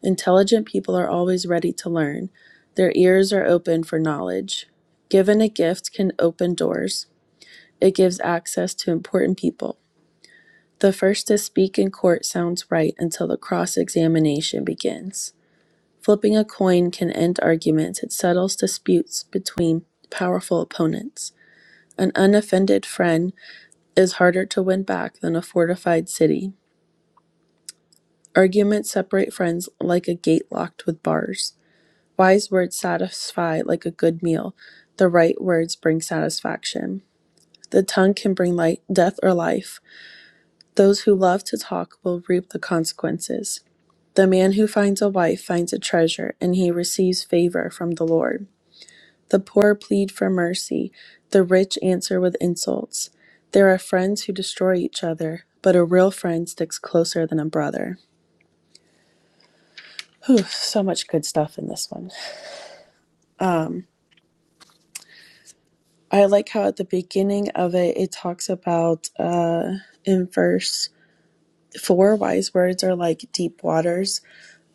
J: Intelligent people are always ready to learn. Their ears are open for knowledge. Given a gift can open doors. It gives access to important people. The first to speak in court sounds right until the cross examination begins. Flipping a coin can end arguments, it settles disputes between powerful opponents. An unoffended friend is harder to win back than a fortified city. Arguments separate friends like a gate locked with bars. Wise words satisfy like a good meal. The right words bring satisfaction. The tongue can bring light, death or life. Those who love to talk will reap the consequences. The man who finds a wife finds a treasure, and he receives favor from the Lord. The poor plead for mercy, the rich answer with insults. There are friends who destroy each other, but a real friend sticks closer than a brother. Whew, so much good stuff in this one. I like how at the beginning of it, it talks about uh, in verse four, wise words are like deep waters.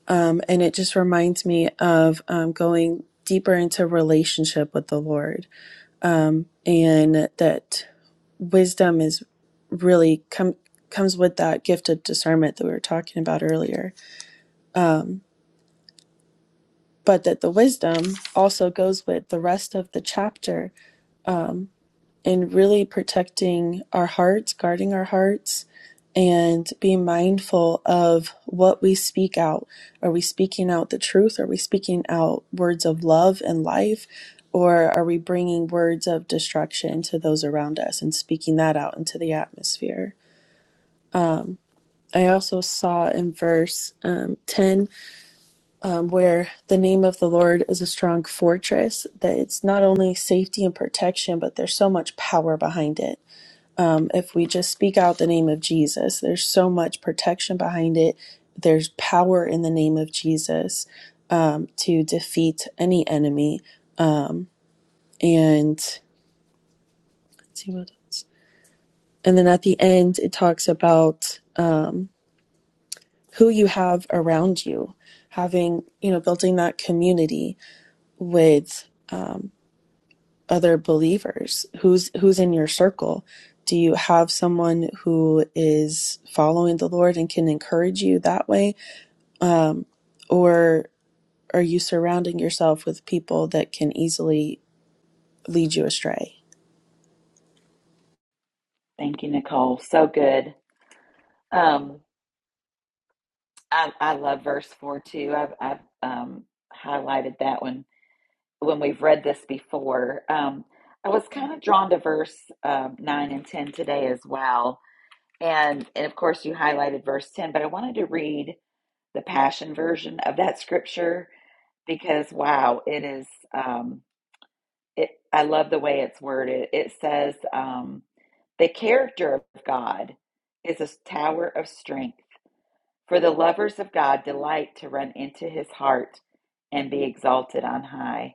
J: Um, and it just reminds me of um, going deeper into relationship with the Lord. Um, and that wisdom is really com- comes with that gift of discernment that we were talking about earlier. Um, but that the wisdom also goes with the rest of the chapter um, in really protecting our hearts, guarding our hearts, and being mindful of what we speak out. Are we speaking out the truth? Are we speaking out words of love and life? Or are we bringing words of destruction to those around us and speaking that out into the atmosphere? I also saw in verse um, 10 um, where the name of the Lord is a strong fortress, that it's not only safety and protection, but there's so much power behind it. Um, if we just speak out the name of Jesus, there's so much protection behind it. There's power in the name of Jesus um, to defeat any enemy. Um, and let's see what else. And then at the end, it talks about. Um, who you have around you, having, you know, building that community with other believers. Who's who's in your circle? Do you have someone who is following the Lord and can encourage you that way or are you surrounding yourself with people that can easily lead you astray?
A: Thank you, Nicole. So good. Um, I, I love verse four too. I've, I've um, highlighted that one when we've read this before. Um, I was kind of drawn to verse um, nine and ten today as well, and and of course you highlighted verse ten, but I wanted to read the passion version of that scripture because wow it is um it i love the way it's worded it says um the character of god is a tower of strength for the lovers of god delight to run into his heart and be exalted on high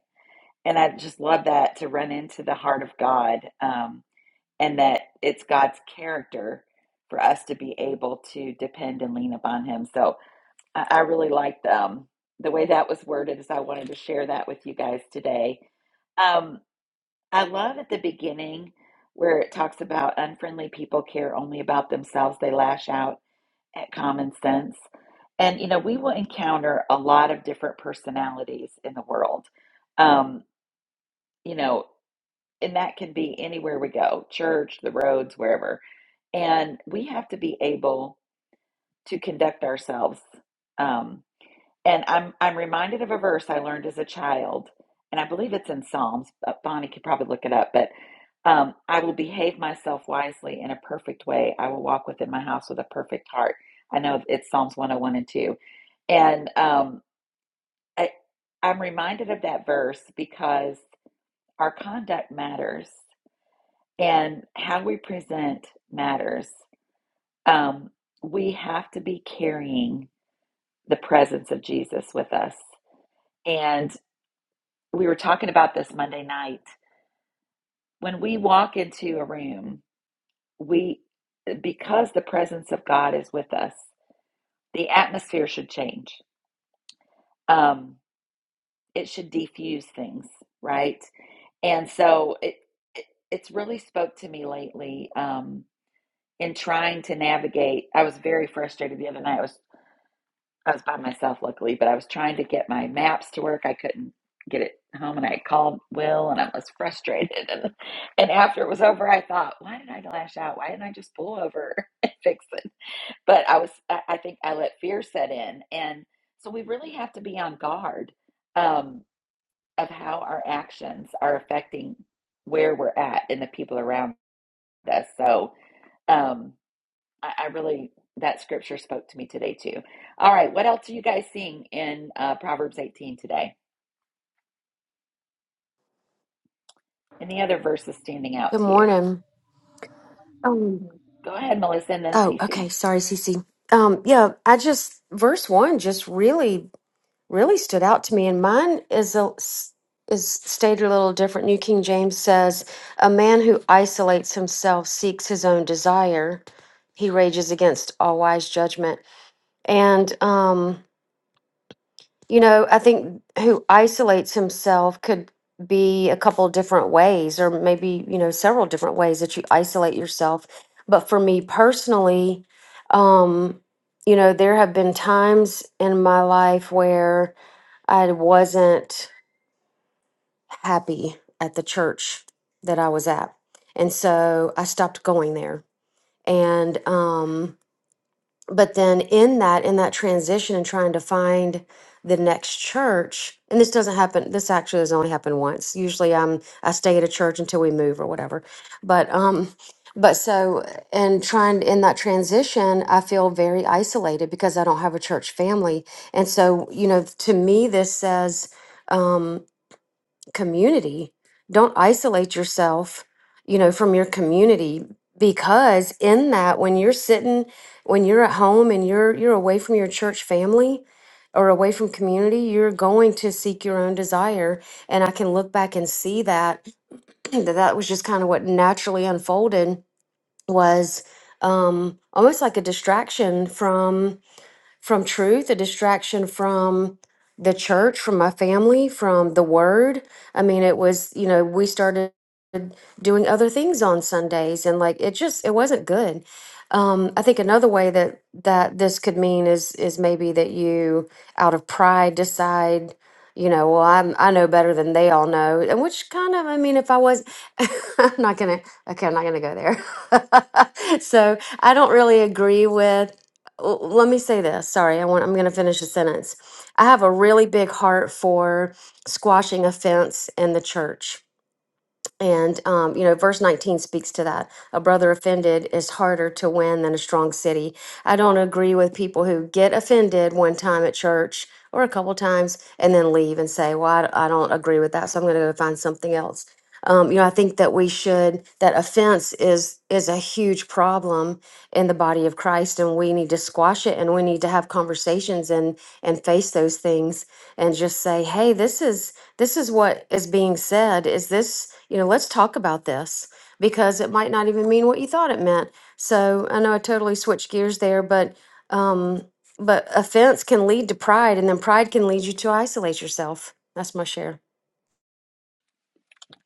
A: and i just love that to run into the heart of god um and that it's god's character for us to be able to depend and lean upon him so I, I really liked um, the way that was worded, as I wanted to share that with you guys today. Um, I love at the beginning where it talks about unfriendly people care only about themselves, they lash out at common sense. And, you know, we will encounter a lot of different personalities in the world. Um, you know, and that can be anywhere we go church, the roads, wherever. And we have to be able to conduct ourselves. um, And I'm I'm reminded of a verse I learned as a child, and I believe it's in Psalms. But Bonnie could probably look it up. But um, I will behave myself wisely in a perfect way. I will walk within my house with a perfect heart. I know it's Psalms 101 and 2. And um, I, I'm reminded of that verse because our conduct matters and how we present matters. Um, we have to be carrying the presence of Jesus with us. And we were talking about this Monday night. When we walk into a room, we because the presence of God is with us, the atmosphere should change. Um, it should diffuse things, right? And so it, it it's really spoke to me lately um, in trying to navigate. I was very frustrated the other night. I was. I was by myself, luckily, but I was trying to get my maps to work. I couldn't get it home, and I called Will, and I was frustrated. And, and after it was over, I thought, why did I lash out? Why didn't I just pull over and fix it? But I was, I, I think I let fear set in. And so we really have to be on guard um, of how our actions are affecting where we're at and the people around us. So, um, I, I really that scripture spoke to me today too. All right, what else are you guys seeing in uh, Proverbs 18 today? Any other verses standing out
K: Good
A: to you?
K: morning. Um,
A: Go ahead, Melissa, and then
K: oh,
A: Cece.
K: okay. Sorry, Cece. Um, yeah, I just verse one just really, really stood out to me, and mine is a is stated a little different. New King James says, "A man who isolates himself seeks his own desire; he rages against all wise judgment." And um, You know, I think who isolates himself could be a couple different ways, or maybe, you know, several different ways that you isolate yourself. But for me personally, um, you know, there have been times in my life where I wasn't happy at the church that I was at. And so I stopped going there. And, um but then in that in that transition and trying to find the next church and this doesn't happen this actually has only happened once usually i'm i stay at a church until we move or whatever but um but so and trying in that transition i feel very isolated because i don't have a church family and so you know to me this says um, community. Don't isolate yourself, you know, from your community because in that when you're sitting when you're at home and you're you're away from your church family or away from community, you're going to seek your own desire and I can look back and see that that that was just kind of what naturally unfolded was um almost like a distraction from from truth, a distraction from the church, from my family, from the word. I mean, it was, you know, we started doing other things on Sundays and like it just it wasn't good. Um, I think another way that that this could mean is is maybe that you out of pride decide, you know, well I'm I know better than they all know, and which kind of I mean if I was I'm not gonna okay I'm not gonna go there. so I don't really agree with. l- Let me say this. Sorry, I want I'm gonna finish a sentence. I have a really big heart for squashing offense in the church and, um, you know, verse 19 speaks to that. A brother offended is harder to win than a strong city. I don't agree with people who get offended one time at church or a couple times and then leave and say, well, I, d- I don't agree with that. So I'm going to go find something else. Um, you know, I think that we should, that offense is, is a huge problem in the body of Christ and we need to squash it and we need to have conversations and, and face those things and just say, Hey, this is, this is what is being said is this you know let's talk about this because it might not even mean what you thought it meant so i know i totally switched gears there but um but offense can lead to pride and then pride can lead you to isolate yourself that's my share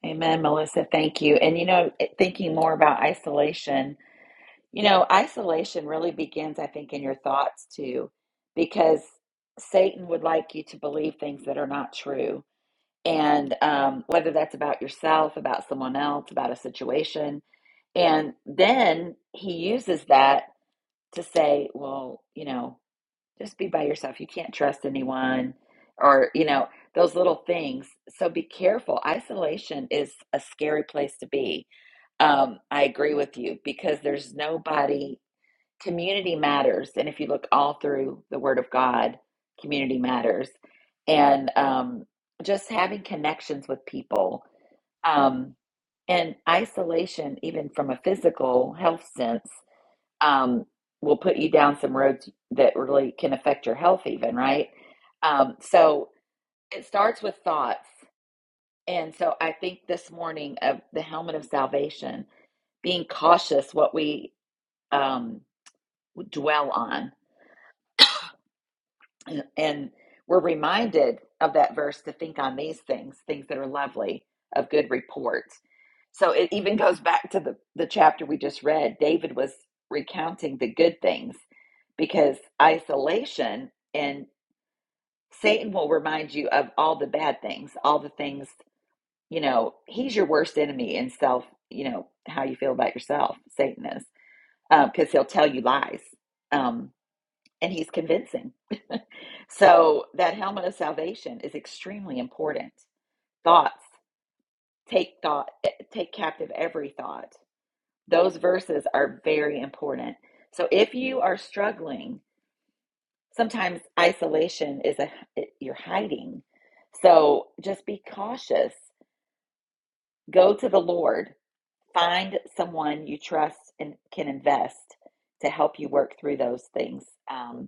A: Amen, Melissa. Thank you. And you know, thinking more about isolation, you know, isolation really begins, I think, in your thoughts too, because Satan would like you to believe things that are not true. And um, whether that's about yourself, about someone else, about a situation, and then he uses that to say, well, you know, just be by yourself. You can't trust anyone or, you know, those little things. So be careful. Isolation is a scary place to be. Um, I agree with you because there's nobody, community matters. And if you look all through the Word of God, community matters. And um, just having connections with people. Um, and isolation, even from a physical health sense, um, will put you down some roads that really can affect your health, even, right? Um, so it starts with thoughts. And so I think this morning of the helmet of salvation, being cautious what we um, dwell on And we're reminded of that verse to think on these things, things that are lovely, of good report. So it even goes back to the, the chapter we just read. David was recounting the good things because isolation and Satan will remind you of all the bad things, all the things, you know, he's your worst enemy in self, you know, how you feel about yourself, Satan is, because uh, he'll tell you lies. Um, and he's convincing. So that helmet of salvation is extremely important. Thoughts take thought eh, take captive every thought. Those verses are very important. So if you are struggling, sometimes isolation is a eh, you're hiding. So just be cautious. Go to the Lord. Find someone you trust and can invest to help you work through those things. Um,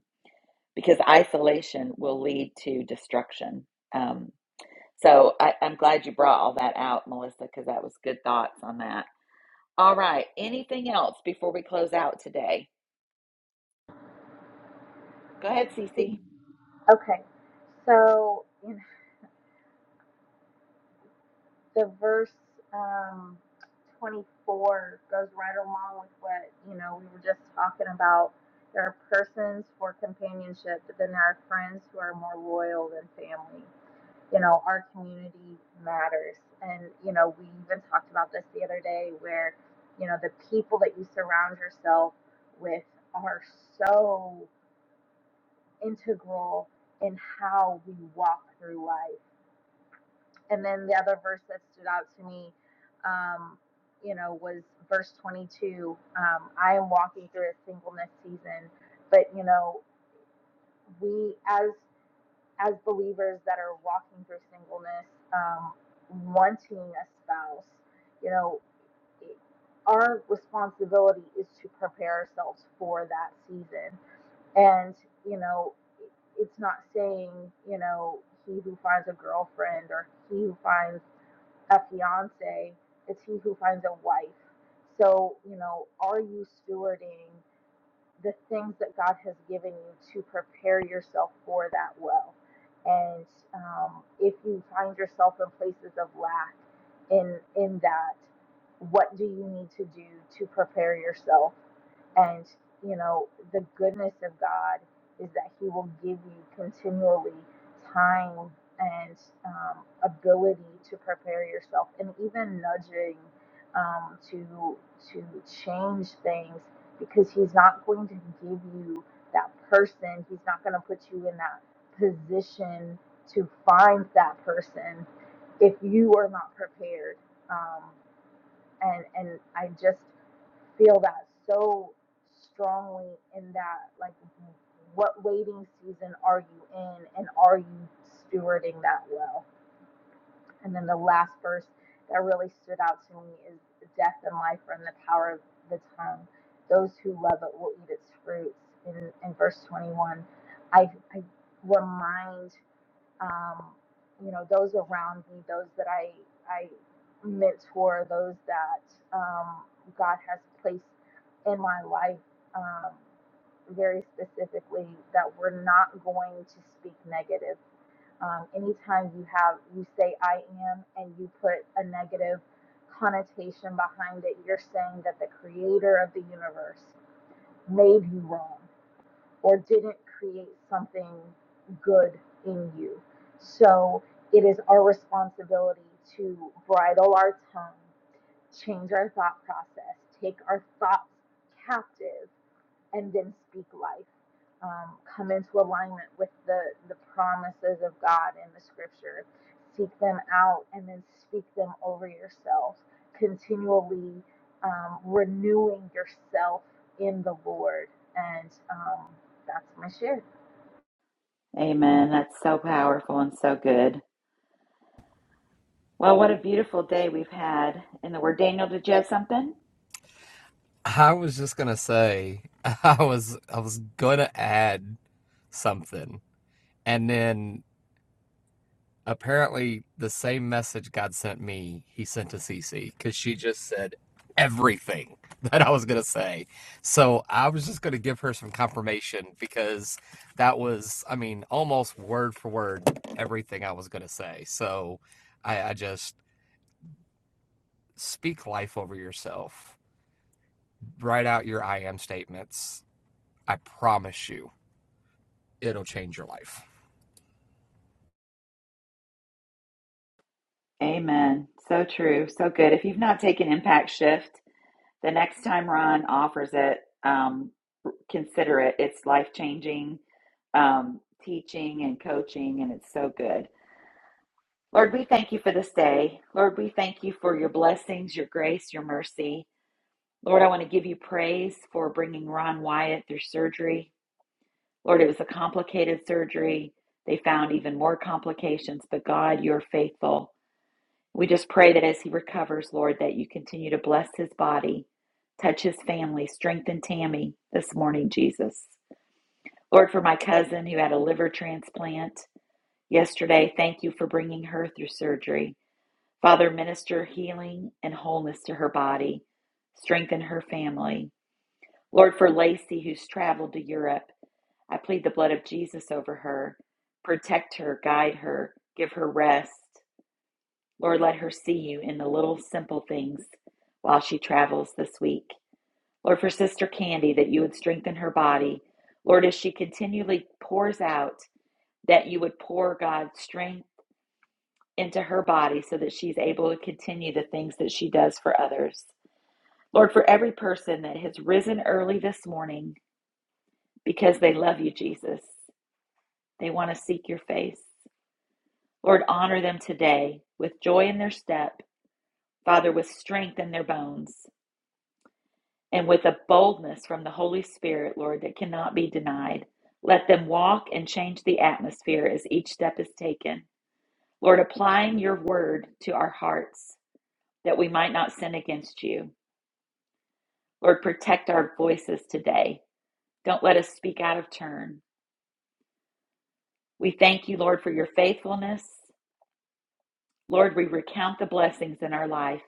A: because isolation will lead to destruction. Um, so I, I'm glad you brought all that out, Melissa, because that was good thoughts on that. All right. Anything else before we close out today? Go ahead, Cece.
G: Okay, so you know. the verse um, 24 goes right along with what you know we were just talking about there are persons for companionship but then there are friends who are more loyal than family you know our community matters and you know we even talked about this the other day where you know the people that you surround yourself with are so integral in how we walk through life and then the other verse that stood out to me, um, you know, was verse 22. Um, I am walking through a singleness season, but you know, we as as believers that are walking through singleness, um, wanting a spouse, you know, our responsibility is to prepare ourselves for that season. And you know, it's not saying you know he who finds a girlfriend or he who finds a fiance, it's he who finds a wife. So, you know, are you stewarding the things that God has given you to prepare yourself for that well? And um, if you find yourself in places of lack in in that, what do you need to do to prepare yourself? And, you know, the goodness of God is that He will give you continually time and um, ability to prepare yourself and even nudging um, to, to change things because He's not going to give you that person. He's not going to put you in that position to find that person if you are not prepared. Um, and, and I just, feel that so strongly in that like what waiting season are you in and are you stewarding that well and then the last verse that really stood out to me is death and life are in the power of the tongue those who love it will eat its fruits in, in verse 21 i i remind um, you know, those around me, those that I, I mentor, those that um, God has placed in my life um, very specifically, that we're not going to speak negative. Um, anytime you have, you say I am, and you put a negative connotation behind it, you're saying that the creator of the universe made you wrong or didn't create something good in you. So it is our responsibility to bridle our tongue, change our thought process, take our thoughts captive, and then speak life. Um, come into alignment with the, the promises of God in the scripture. Seek them out and then speak them over yourself, continually um, renewing yourself in the Lord. And um, that's my share.
A: Amen. That's so powerful and so good. Well, what a beautiful day we've had in the Word. Daniel, did you have something?
D: Lexi because she just said everything that I was going to say. So I was just going to give her some confirmation because that was, I mean, almost word for word everything I was going to say. So I, I just speak life over yourself, write out your I am statements. I promise you
A: Amen. So true. So good. If you've not taken Impact Shift, the next time Ron offers it, um. consider it. It's life changing um, teaching and coaching, and it's so good. Lord, we thank you for this day. Lord, we thank you for your blessings, your grace, your mercy. Lord, I want to give you praise for bringing Ron Wyatt through surgery. Lord, it was a complicated surgery. They found even more complications, but God, you're faithful. We just pray that as he recovers, Lord, that you continue to bless his body, touch his family, strengthen Tammy this morning, Jesus. Lord, for my cousin who had a liver transplant yesterday, thank you for bringing her through surgery. Father, minister healing and wholeness to her body, strengthen her family. Lord, for Lacey who's traveled to Europe, I plead the blood of Jesus over her. Protect her, guide her, give her rest. Lord, let her see you in the little simple things while she travels this week. Lord, for Sister Candy, that you would strengthen her body. Lord, as she continually pours out that you would pour God's strength into her body so that she's able to continue the things that she does for others. Lord, for every person that has risen early this morning because they love you, Jesus, they want to seek your face. Lord, honor them today with joy in their step, Father, with strength in their bones, and with a boldness from the Holy Spirit, Lord, that cannot be denied. Let them walk and change the atmosphere as each step is taken. Lord, applying your word to our hearts that we might not sin against you. Lord, protect our voices today. Don't let us speak out of turn. We thank you, Lord, for your faithfulness. Lord, we recount the blessings in our life.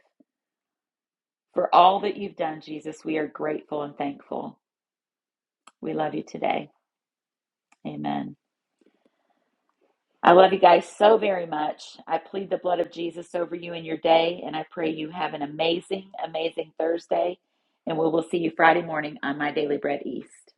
A: For all that you've done, Jesus, we are grateful and thankful. We love you today. Amen. I love you guys so very much. I plead the blood of Jesus over you in your day, and I pray you have an amazing, amazing Thursday. And we will see you Friday morning on My Daily Bread East.